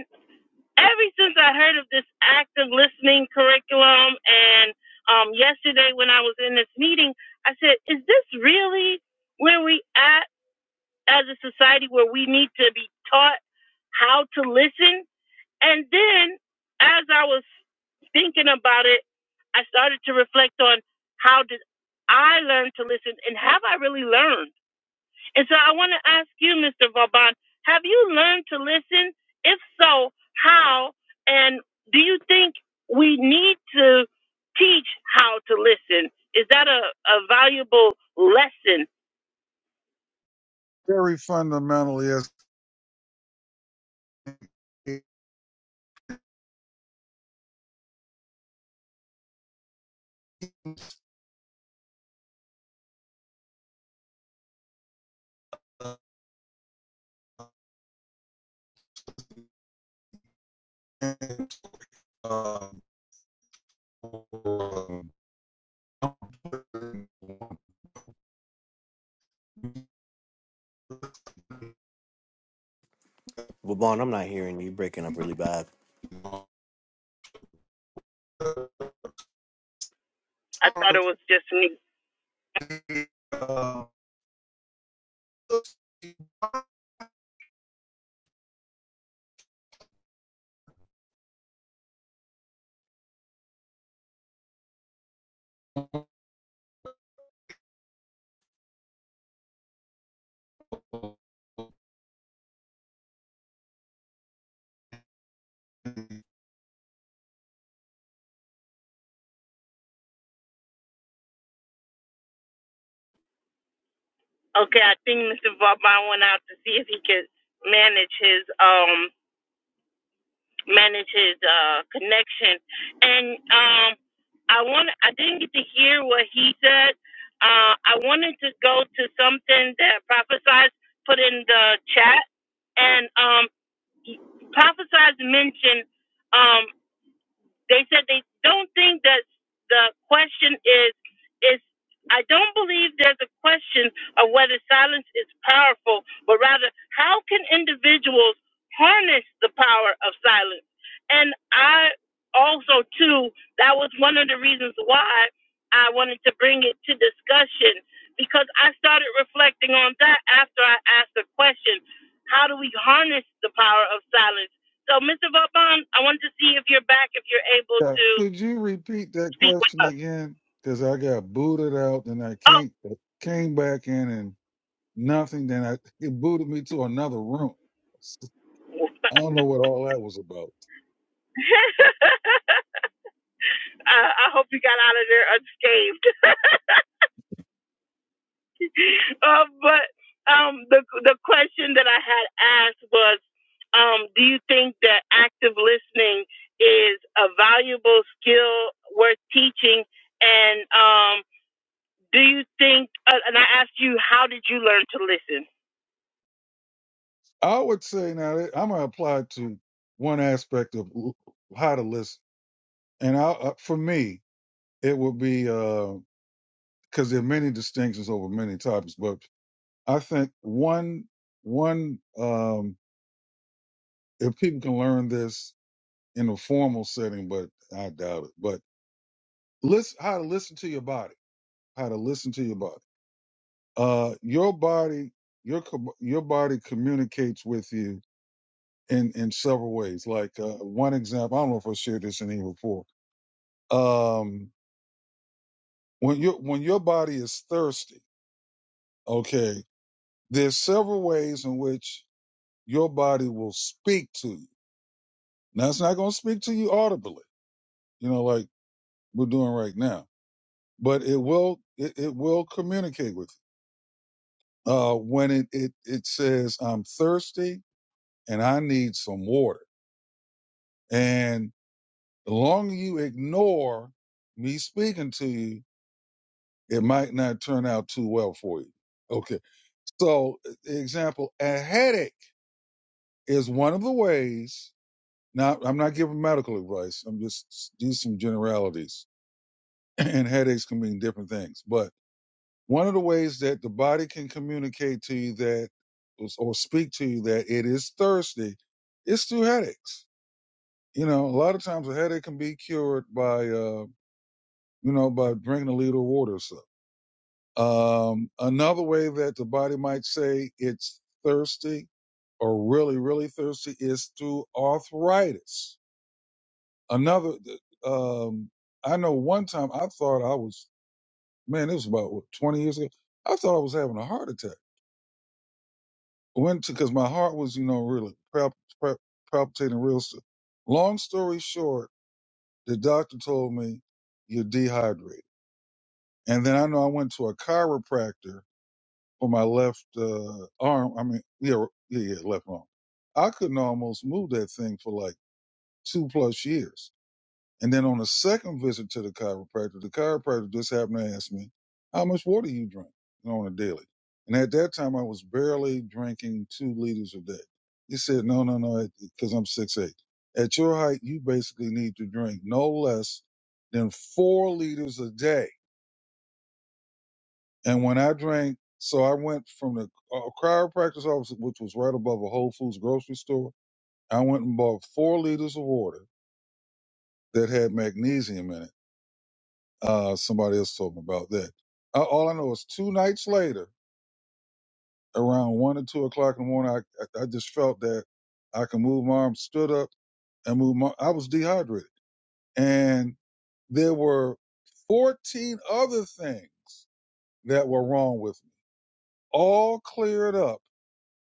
S1: ever since I heard of this active listening curriculum, and um, yesterday when I was in this meeting, I said, "Is this really where we at as a society where we need to be taught how to listen?" And then, as I was thinking about it, I started to reflect on how did I learn to listen, and have I really learned? And so I want to ask you, Mr. Vauban, have you learned to listen? If so, how? And do you think we need to teach how to listen? Is that a, a valuable lesson?
S3: Very fundamental, yes. Uh,
S4: well bon i'm not hearing you breaking up really bad
S1: I thought it was just me. Okay, I think Mr. Vauban went out to see if he could manage his um manage his uh, connection. And um, I want I didn't get to hear what he said. Uh, I wanted to go to something that prophesies put in the chat, and um, prophesies mentioned. Um, they said they don't think that the question is is I don't believe there's a question of whether silence is powerful, but rather how can individuals harness the power of silence? And I also too that was one of the reasons why I wanted to bring it to discussion because I started reflecting on that after I asked the question, how do we harness the power of silence? So, Mr. Vaughn, I want to see if you're back, if you're able
S3: yeah,
S1: to
S3: could you repeat that
S1: speak with
S3: question
S1: us.
S3: again? Because I got booted out, and I
S1: Oh,
S3: came came back in, and nothing. Then I it booted me to another room. I don't know what all that was about.
S1: <laughs> I, I hope you got out of there unscathed. <laughs> uh, but um, the the question that I had asked was, um, do you think that active listening is a valuable skill worth teaching? And um, do you think? Uh, and I asked you, how did you learn to listen?
S3: I would say now that I'm gonna apply to one aspect of how to listen. And I, uh, for me, it would be because there are many distinctions over many topics, but I think one one um, if people can learn this in a formal setting, but I doubt it. But listen, how to listen to your body, how to listen to your body. Uh, your body, your com- your body communicates with you in in several ways. Like uh, one example, I don't know if I shared this in here before. Um, when your when your body is thirsty, okay there's several ways in which your body will speak to you. Now it's not going to speak to you audibly, you know, like we're doing right now, but it will, it, it will communicate with you. Uh, when it, it, it says, I'm thirsty and I need some water. And the longer you ignore me speaking to you, it might not turn out too well for you. Okay. So e, example, a headache is one of the ways Now, I'm not giving medical advice. I'm just these some generalities, <clears throat> and headaches can mean different things. But one of the ways that the body can communicate to you that or speak to you that it is thirsty is through headaches. You know, a lot of times a headache can be cured by uh, you know by drinking a liter of water or so. Um, another way that the body might say it's thirsty or really really thirsty is through arthritis Another, um, I know one time I thought I was, man, it was about what, 20 years ago. I thought I was having a heart attack. Went to, cause my heart was, you know, really palp, palp, palpitating real stuff. Long story short, the doctor told me you're dehydrated. And then I know I went to a chiropractor for my left uh, arm. I mean, yeah, yeah, yeah, left arm. I couldn't almost move that thing for like two plus years And then on the second visit to the chiropractor, the chiropractor just happened to ask me, How much water you drink you know, on a daily? And at that time, I was barely drinking two liters a day. He said, No, no, no, because I'm six foot eight. At your height, you basically need to drink no less than four liters a day. And when I drank, so I went from the uh, chiropractor's office, which was right above a Whole Foods grocery store. I went and bought four liters of water that had magnesium in it Uh, somebody else told me about that. Uh, all I know is two nights later, around one or two o'clock in the morning, I, I I just felt that I could move my arm, stood up and move my, I was dehydrated. And there were 14 other things that were wrong with me, all cleared up.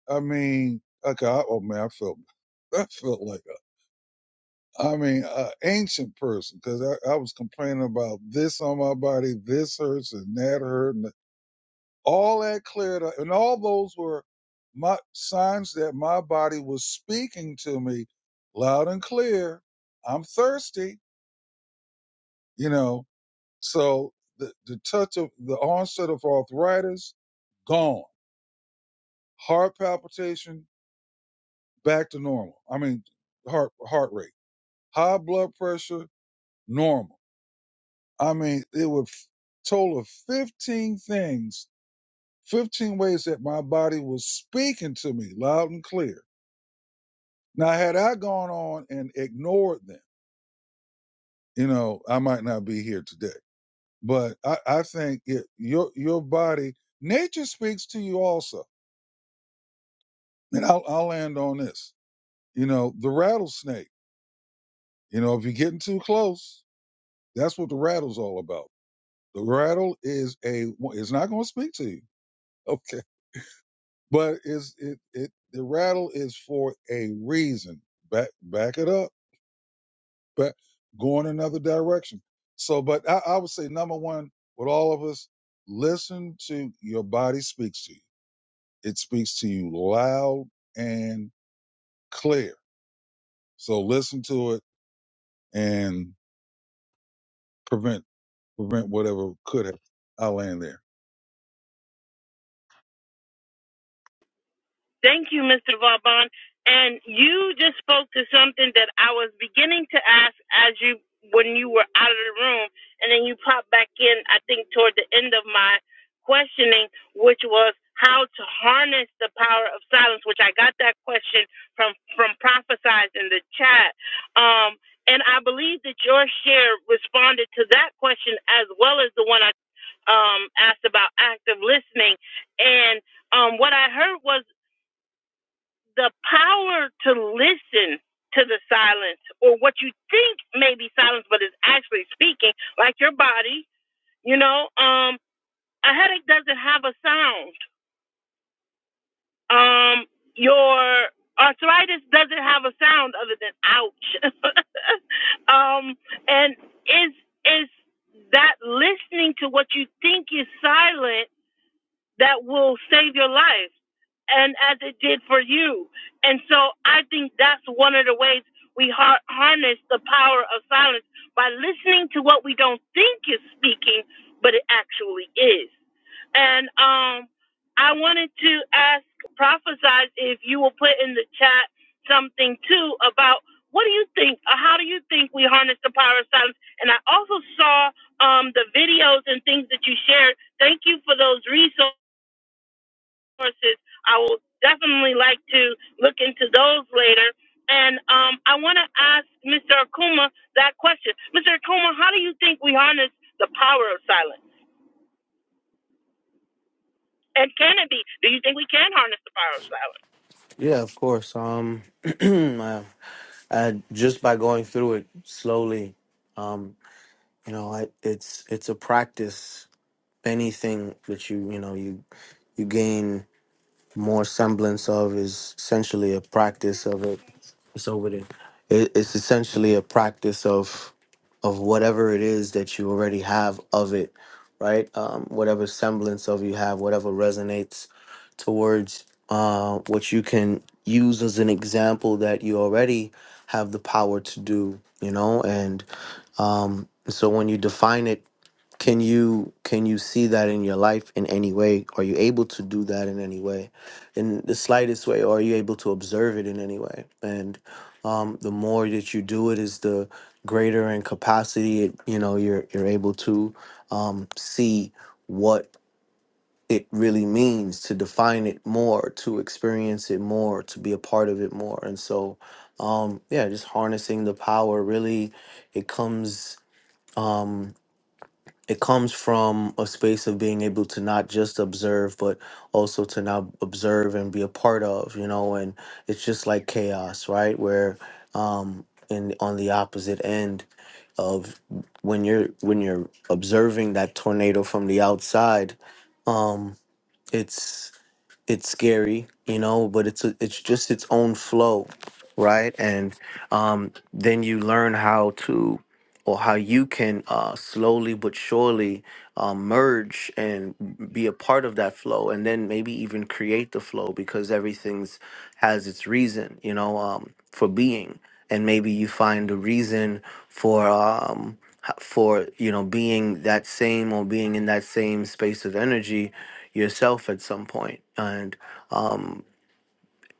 S3: I mean, okay, I, oh man, I felt, <laughs> I felt like, a, I mean, an ancient person because I, I was complaining about this on my body, this hurts and that hurt. and all that cleared up and all those were my signs that my body was speaking to me loud and clear i'm thirsty you know so the, the touch of the onset of arthritis gone heart palpitation back to normal i mean heart heart rate high blood pressure normal i mean it would total of 15 things 15 ways that my body was speaking to me loud and clear Now, had I gone on and ignored them, you know, I might not be here today. But I, I think it, your your body, nature speaks to you also. And I'll, I'll land on this. You know, the rattlesnake. You know, if you're getting too close, that's what the rattle's all about. The rattle is a it's not going to speak to you, <laughs> okay? But is it it the rattle is for a reason. Back back it up but going another direction. So, but I, I would say number one with all of us, listen to your body speaks to you. It speaks to you loud and clear. So listen to it and prevent prevent whatever could have. I land there.
S1: Thank you, Mr. Vauban. And you just spoke to something that I was beginning to ask as you when you were out of the room, and then you popped back in. I think toward the end of my questioning, which was how to harness the power of silence. Which I got that question from from prophesize in the chat, um, and I believe that your share responded to that question as well as the one I um, asked about active listening and um, what I heard was the power to listen to the silence or what you think may be silence but is actually speaking like your body you know um a headache doesn't have a sound um your arthritis doesn't have a sound other than ouch <laughs> um and is is that listening to what you think is silent that will save your life and as it did for you. And so I think that's one of the ways we har- harness the power of silence by listening to what we don't think is speaking, but it actually is. And um, I wanted to ask Prophesize if you will put in the chat something too about what do you think, uh, how do you think we harness the power of silence? And I also saw um, the videos and things that you shared. Thank you for those resources resources. I will definitely like to look into those later. And um, I want to ask Mr. Akuma that question. Mr. Akuma, how do you think we harness the power of silence? And can it be? Do you think we can harness the power of silence?
S4: yeah of course um <clears throat> I, I just by going through it slowly You know, I, it's it's a practice. Anything that you you know you you gain more semblance of is essentially a practice of it. It's over there. It, it's essentially a practice of of whatever it is that you already have of it, right? Um, whatever semblance of you have, whatever resonates towards uh, what you can use as an example that you already have the power to do, you know. And um, so when you define it can you can you see that in your life in any way? Are you able to do that in any way, in the slightest way? Or are you able to observe it in any way? And um, the more that you do it, is the greater in capacity it, you know you're you're able to um, see what it really means to define it more, to experience it more, to be a part of it more. And so, um, yeah, just harnessing the power really, it comes. Um, it comes from a space of being able to not just observe but also to now observe and be a part of you know and it's just like chaos right where um in on the opposite end of when you're when you're observing that tornado from the outside um it's it's scary, you know, but it's a, it's just its own flow, right? And um, then you learn how to, or how you can uh, slowly but surely uh, merge and be a part of that flow, and then maybe even create the flow because everything's has its reason, you know, um, for being, and maybe you find a reason for. Um, h- for you know being that same or being in that same space of energy yourself at some point. And um,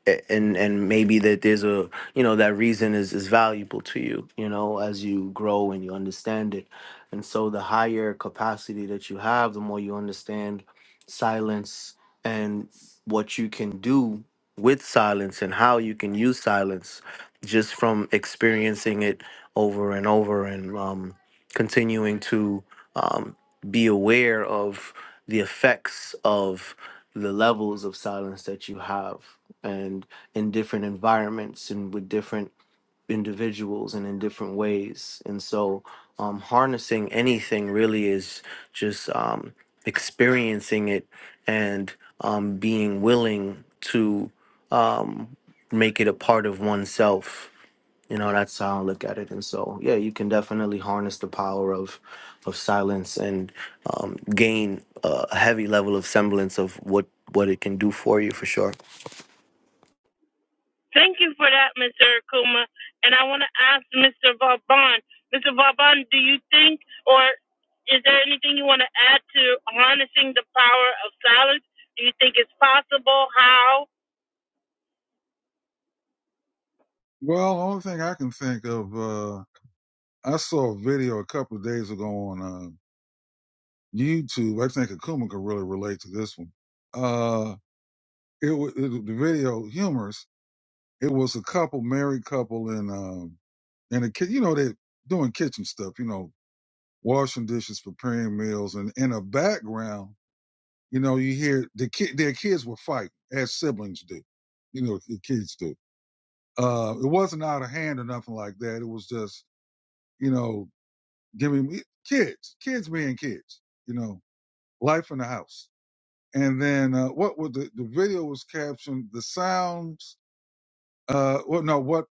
S4: a- and and maybe that there's a you know that reason is is valuable to you you know as you grow and you understand it and so the higher capacity that you have the more you understand silence and what you can do with silence and how you can use silence just from experiencing it over and over and um, continuing to um, be aware of the effects of the levels of silence that you have and in different environments and with different individuals and in different ways. And so, um, harnessing anything really is just um, experiencing it and um, being willing to um, make it a part of oneself. You know, that's how I look at it. And so, yeah, you can definitely harness the power of of silence and um, gain a heavy level of semblance of what what it can do for you for sure.
S1: Thank you for that, Mr. Akuma. And I want to ask Mr. Vauban. Mr. Vauban, do you think, or is there anything you want to add to harnessing the power of silence? Do you think it's possible? How?
S3: Well, the only thing I can think of, uh, I saw a video a couple of days ago on uh, YouTube. I think Akuma could really relate to this one. Uh, it, wa- it the video humorous It was a couple, married couple, and um, and a kid. You know, they doing kitchen stuff. You know, washing dishes, preparing meals, and in the background, you know, you hear the kid. Their kids were fighting as siblings do. You know, the kids do. Uh, it wasn't out of hand or nothing like that. It was just, you know, giving me kids, kids being kids. You know, life in the house. And then uh, what was the the video was captioned? The sounds Uh, well, no, what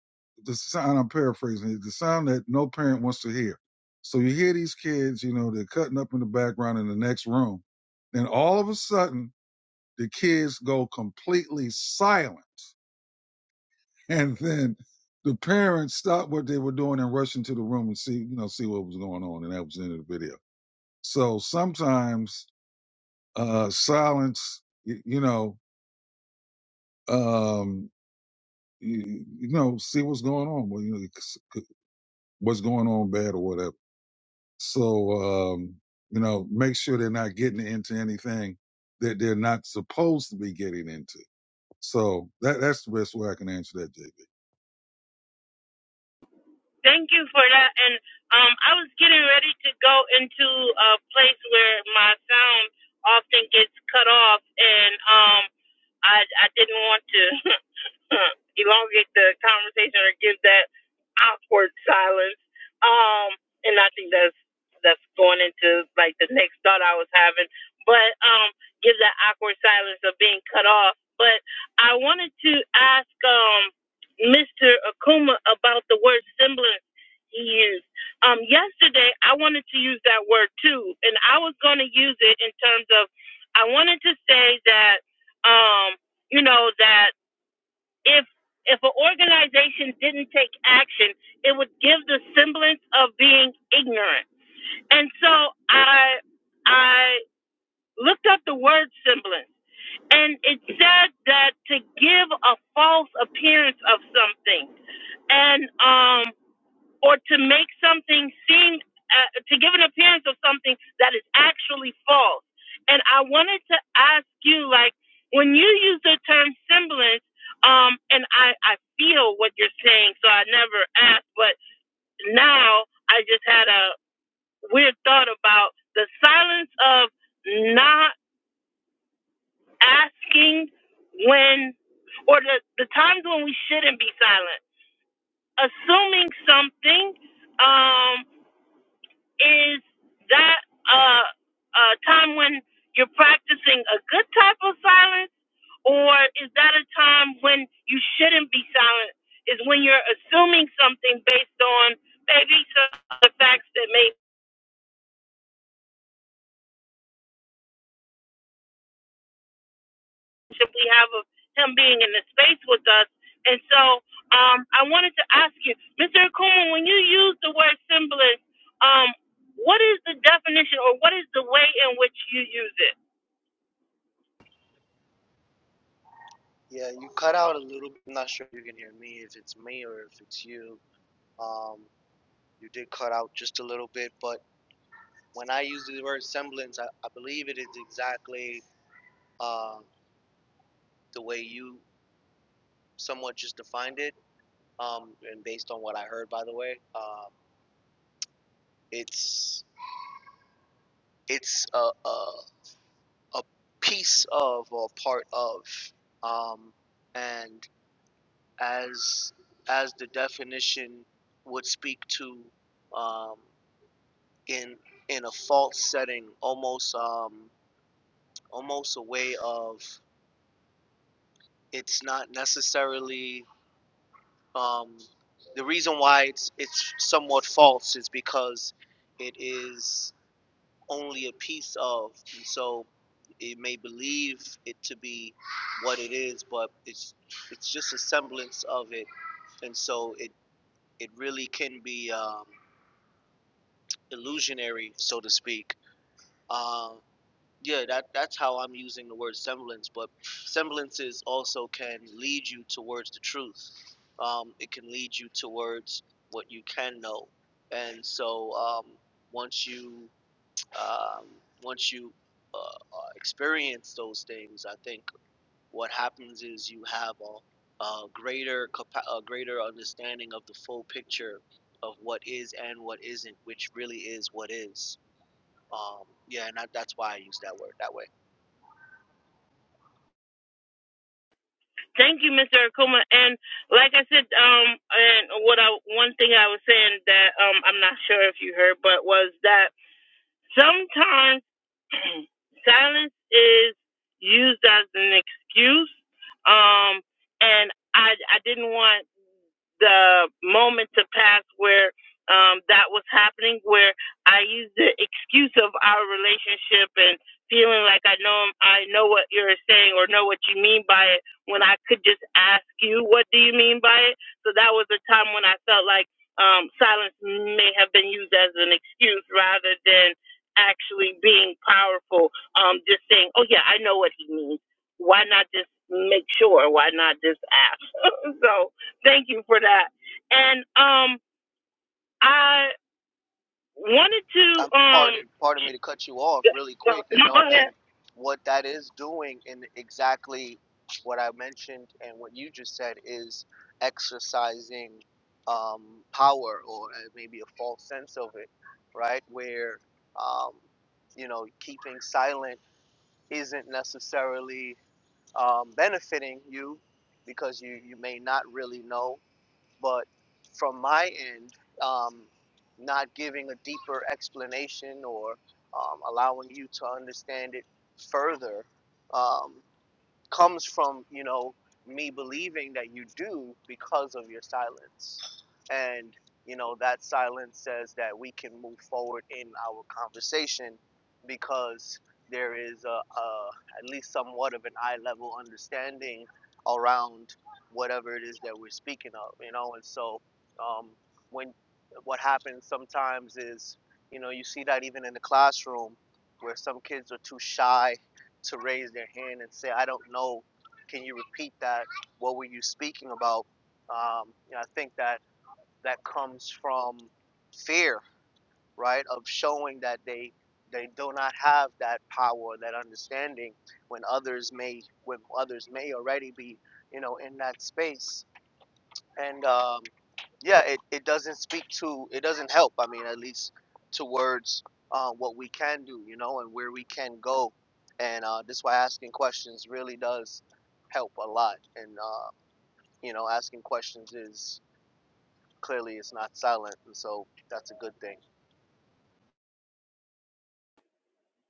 S3: the sound I'm paraphrasing is the sound that no parent wants to hear. So you hear these kids, you know, they're cutting up in the background in the next room, Then all of a sudden the kids go completely silent, <laughs> and then the parents stop what they were doing and rush into the room and see, you know, see what was going on, and that was the end of the video. So sometimes uh, silence, you, you know, um, you, you know, see what's going on. Well, you know, what's going on bad or whatever. So, um, you know, make sure they're not getting into anything that they're not supposed to be getting into. So that that's the best way I can answer that, JB.
S1: Thank you for that. And um, I was getting ready to go into a place where my sound often gets cut off, and um, I I didn't want to. <laughs> <laughs> uh, elongate the conversation or give that awkward silence. Um, and I think that's that's going into like the next thought I was having. But um, give that awkward silence of being cut off. But I wanted to ask um Mr. Akuma about the word semblance he used. Um, yesterday I wanted to use that word too, and I was going to use it in terms of I wanted to say that um, you know that if if an organization didn't take action, it would give the semblance of being ignorant. And so I I looked up the word semblance and it said that to give a false appearance of something. And um or to make something seem, uh, to give an appearance of something that is actually false. And I wanted to ask you, like, when you use the term semblance, um, and I, I feel what you're saying, so I never asked, but now I just had a weird thought about the silence of not asking when, or the, the times when we shouldn't be silent, assuming something. Um, is that uh, a time when you're practicing a good type of silence, or is that a time when you shouldn't be silent? Is when you're assuming something based on maybe some of the facts that maybe we have of him being in the space with us. And so um, I wanted to ask you, Mr. Akuma, when you use the word symbolist, um, what is the definition or what is the way in which you use it?
S4: Yeah, you cut out a little bit. I'm not sure if you can hear me, if it's me or if it's you. Um, you did cut out just a little bit, but when I use the word semblance, I, I believe it is exactly uh, the way you somewhat just defined it, um, and based on what I heard, by the way, um, it's it's a, a a piece of or part of, um, and as as the definition would speak to. Um, in in a false setting, almost um almost a way of it's not necessarily um the reason why it's it's somewhat false is because it is only a piece of and so it may believe it to be what it is, but it's it's just a semblance of it and so it it really can be um, illusionary, so to speak. Um, yeah that that's how i'm using the word semblance but semblances also can lead you towards the truth um, it can lead you towards what you can know and so um, once you um, once you uh, uh, experience those things i think what happens is you have a, a greater capa- a greater understanding of the full picture of what is and what isn't which really is what is um, yeah and that, that's why i use that word that way
S1: Thank you, Mr. Akuma. And like I said, um, and what I one thing I was saying that um I'm not sure if you heard, but was that sometimes <clears throat> silence is used as an excuse. Um, and I I didn't want the moment to pass where um, that was happening, where I used the excuse of our relationship and feeling like I know I know what you're saying or know what you mean by it, when I could just ask you, what do you mean by it? So that was a time when I felt like um, silence may have been used as an excuse rather than actually being powerful. Um, just saying, oh yeah, I know what he means. Why not just make sure? Why not just ask? <laughs> so Thank you for that. And um, I wanted to um, no, go ahead.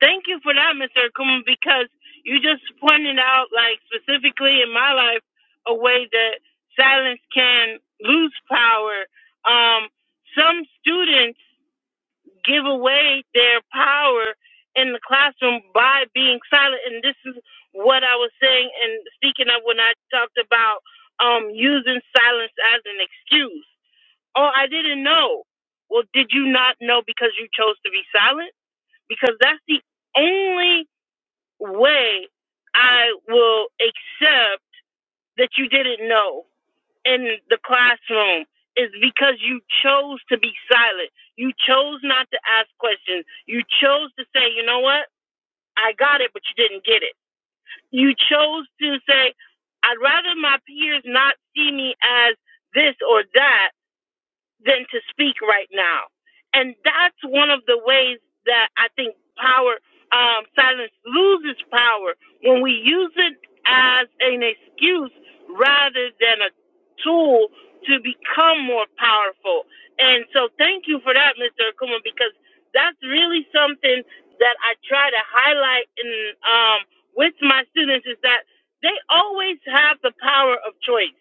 S1: Thank you for that, Mr. Akuma, because you just pointed out, like specifically in my life, a way that silence can lose power. Um, some students give away their power in the classroom by being silent, and this is what I was saying and speaking of when I talked about um, using silence as an excuse. Oh, I didn't know. Well, did you not know because you chose to be silent? Because that's the only way I will accept that you didn't know in the classroom is because you chose to be silent. You chose not to ask questions. You chose to say, you know what? I got it, but you didn't get it. You chose to say, I'd rather my peers not see me as this or that than to speak right now. And that's one of the ways that I think power, um, silence loses power when we use it as an excuse rather than a tool to become more powerful. And so thank you for that, Mr. Akuma, because that's really something that I try to highlight in, um, with my students is that they always have the power of choice.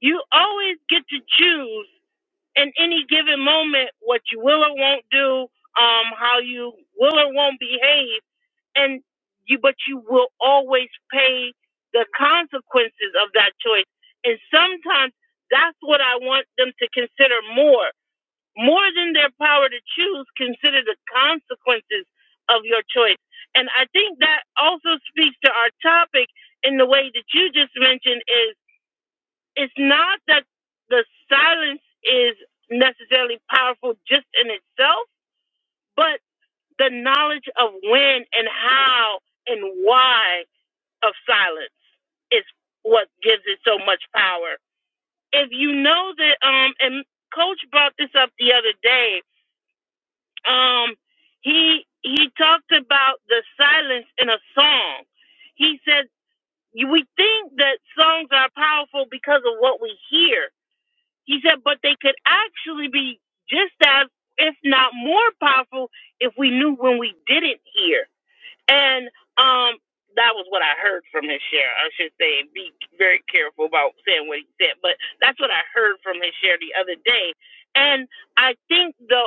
S1: You always get to choose in any given moment what you will or won't do, um, how you will or won't behave, and you but you will always pay the consequences of that choice. And sometimes that's what I want them to consider more. More than their power to choose, consider the consequences of your choice. And I think that also speaks to our topic in the way that you just mentioned is it's not that the silence is necessarily powerful just in itself, but the knowledge of when and how and why of silence is what gives it so much power. If you know that, um, and Coach brought this up the other day, um, he he talked about the silence in a song. He said we think that songs are powerful because of what we hear, He said, but they could actually be just as, if not more powerful, if we knew when we didn't hear. And um, that was what I heard from his share. I should say, be very careful about saying what he said, but that's what I heard from his share the other day. And I think the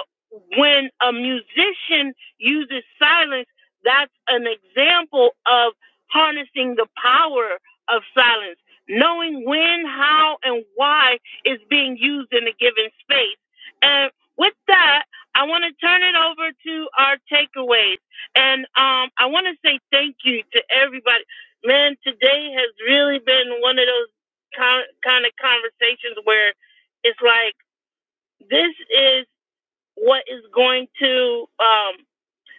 S1: when a musician uses silence, that's an example of harnessing the power of silence. Knowing when, how, and why is being used in a given space. And with that, I want to turn it over to our takeaways. And um, I want to say thank you to everybody. Man, today has really been one of those con- kind of conversations where it's like this is what is going to um,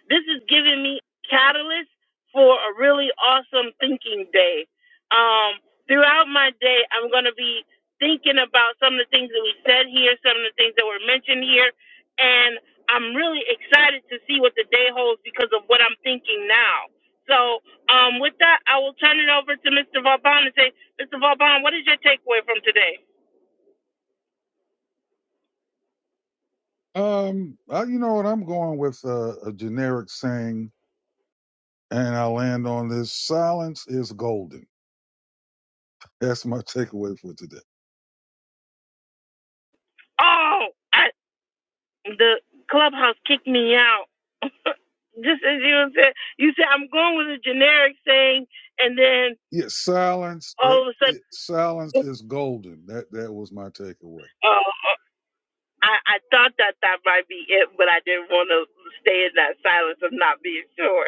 S1: this is giving me catalyst for a really awesome thinking day. Um, throughout my day, I'm going to be thinking about some of the things that we said here, some of the things that were mentioned here, and I'm really excited to see what the day holds because of what I'm thinking now. So, um, with that, I will turn it over to Mr. Vauban and say, Mr. Vauban, what is your takeaway from today?
S3: Um, I, you know what? I'm going with a, a generic saying, and I land on this: silence is golden. That's my <laughs> takeaway for today.
S1: Oh, I, the clubhouse kicked me out. <laughs> just as you said, you said I'm going with a generic thing, and then
S3: Yeah, silence. That,
S1: all of a
S3: it,
S1: sudden,
S3: silence is golden. That that was my takeaway.
S1: <laughs> oh, I, I thought that that might be it, but I didn't want to stay in that silence of not being sure.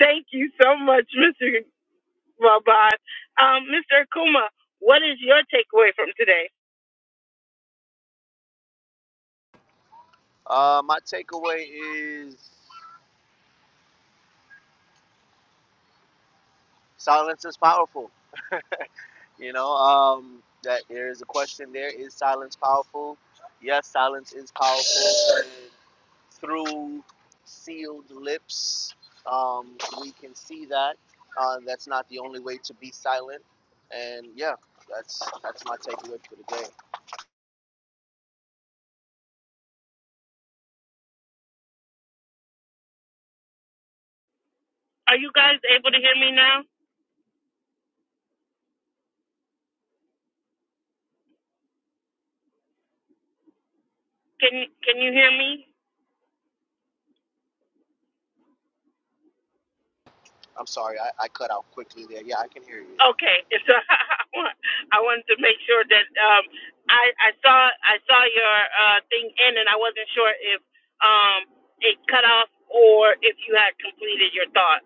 S1: Thank you so much, <laughs> Mr. Vauban. Um, Mr. Akuma, what is your takeaway from today? Are you guys able to hear me now? Can Can you hear me? Okay, <laughs> so I want I wanted to make sure that um I I saw I saw your uh thing end and I wasn't sure if um it cut off or if you had completed your thought.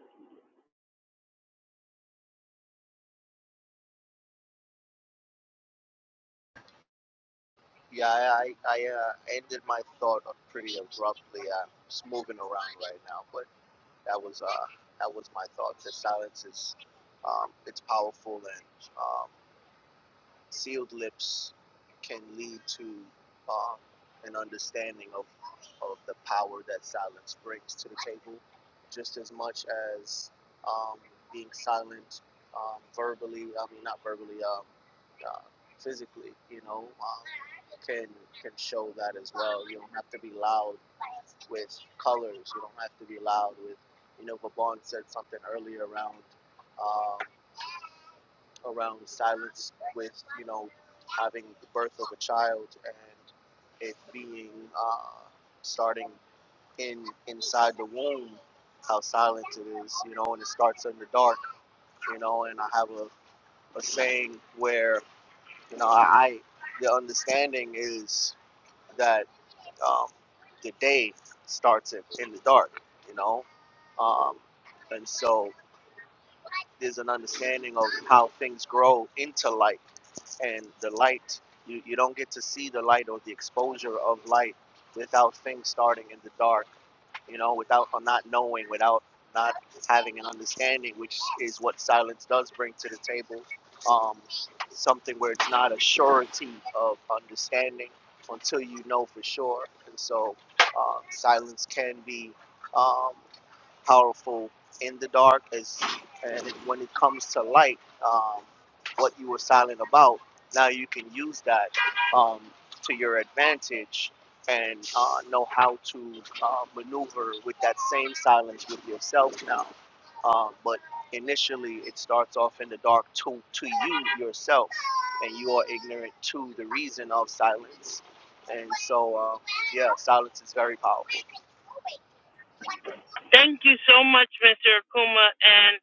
S1: Thank you so much, Mr. Akuma, and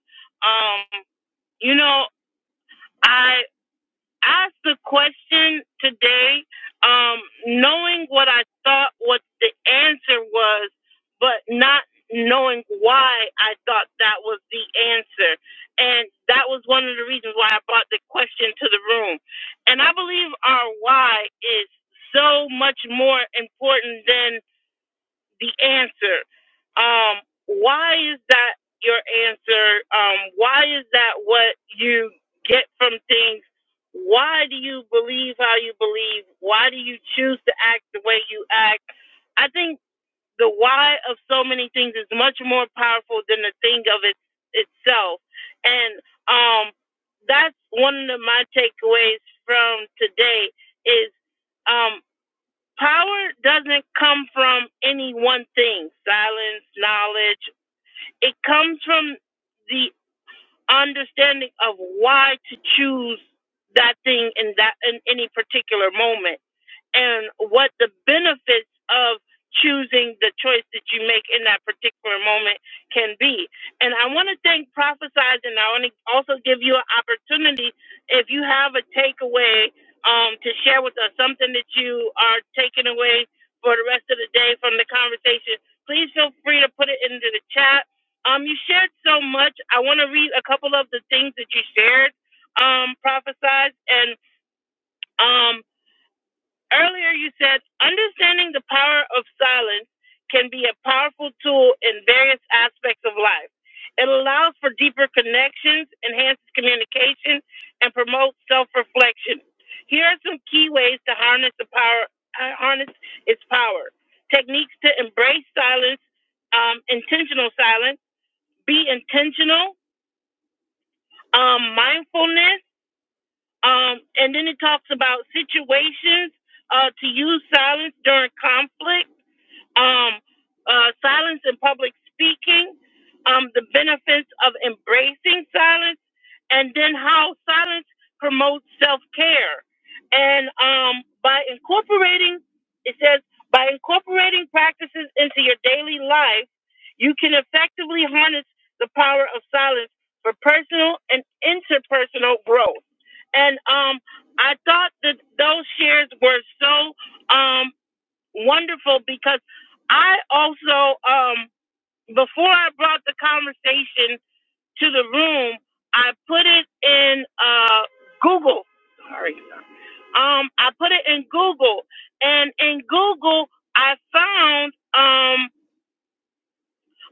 S1: um you know I asked the question today, um, knowing what I thought what the answer was, but not knowing why I thought that was the answer. And that was one of the reasons why I brought the question to the room. And I believe our why is so much more important than the answer. Um, why is that your answer? Um, why is that what you get from things? Why do you believe how you believe? Why do you choose to act the way you act? I think the why of so many things is much more powerful than the thing of it itself. And um, that's one of my takeaways from today is um, Power doesn't come from any one thing, silence, knowledge. It comes from the understanding of why to choose that thing in that in any particular moment and what the benefits of choosing the choice that you make in that particular moment can be. And I want to thank Prophesize, and I want to also give you an opportunity if you have a takeaway um, to share with us, something that you are taking away for the rest of the day from the conversation, please feel free to put it into the chat. Um, you shared so much. I want to read a couple of the things that you shared, um, Prophesize, and um, Earlier, you said understanding the power of silence can be a powerful tool in various aspects of life. It allows for deeper connections, enhances communication, and promotes self-reflection. Here are some key ways to harness the power, uh, harness its power. Techniques to embrace silence, um, intentional silence, be intentional, um, mindfulness um, and then it talks about situations uh, to use silence during conflict um, uh, silence in public speaking, um, the benefits of embracing silence, and then how silence promotes self care. And um, by incorporating, it says, by incorporating practices into your daily life, you can effectively harness the power of silence for personal and interpersonal growth. And um, I thought that those shares were so um, wonderful because I also, um, before I brought the conversation to the room, I put it in uh, Google. Sorry. Um, I put it in Google, and in Google, I found. Um,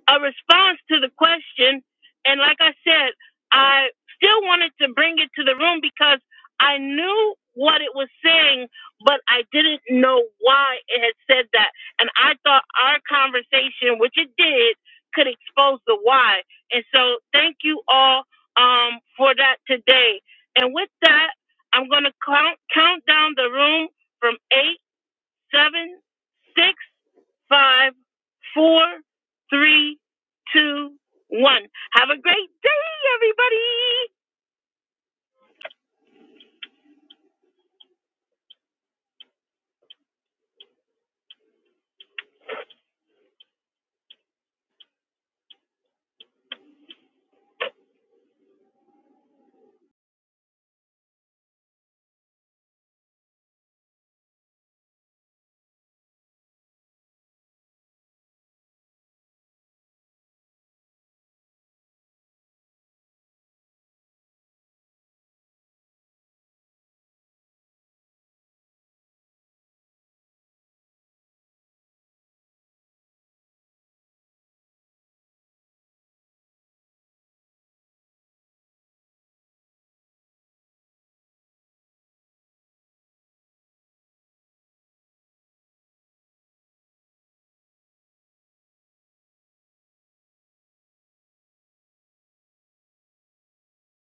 S1: a response to the question. And like I said, I still wanted to bring it to the room because I knew what it was saying, but I didn't know why it had said that. And I thought our conversation, which it did, could expose the why. And so thank you all um, for that today. And with that, I'm going to count, count down the room from eight, seven, six five, four, three, two, one. Have a great day, everybody.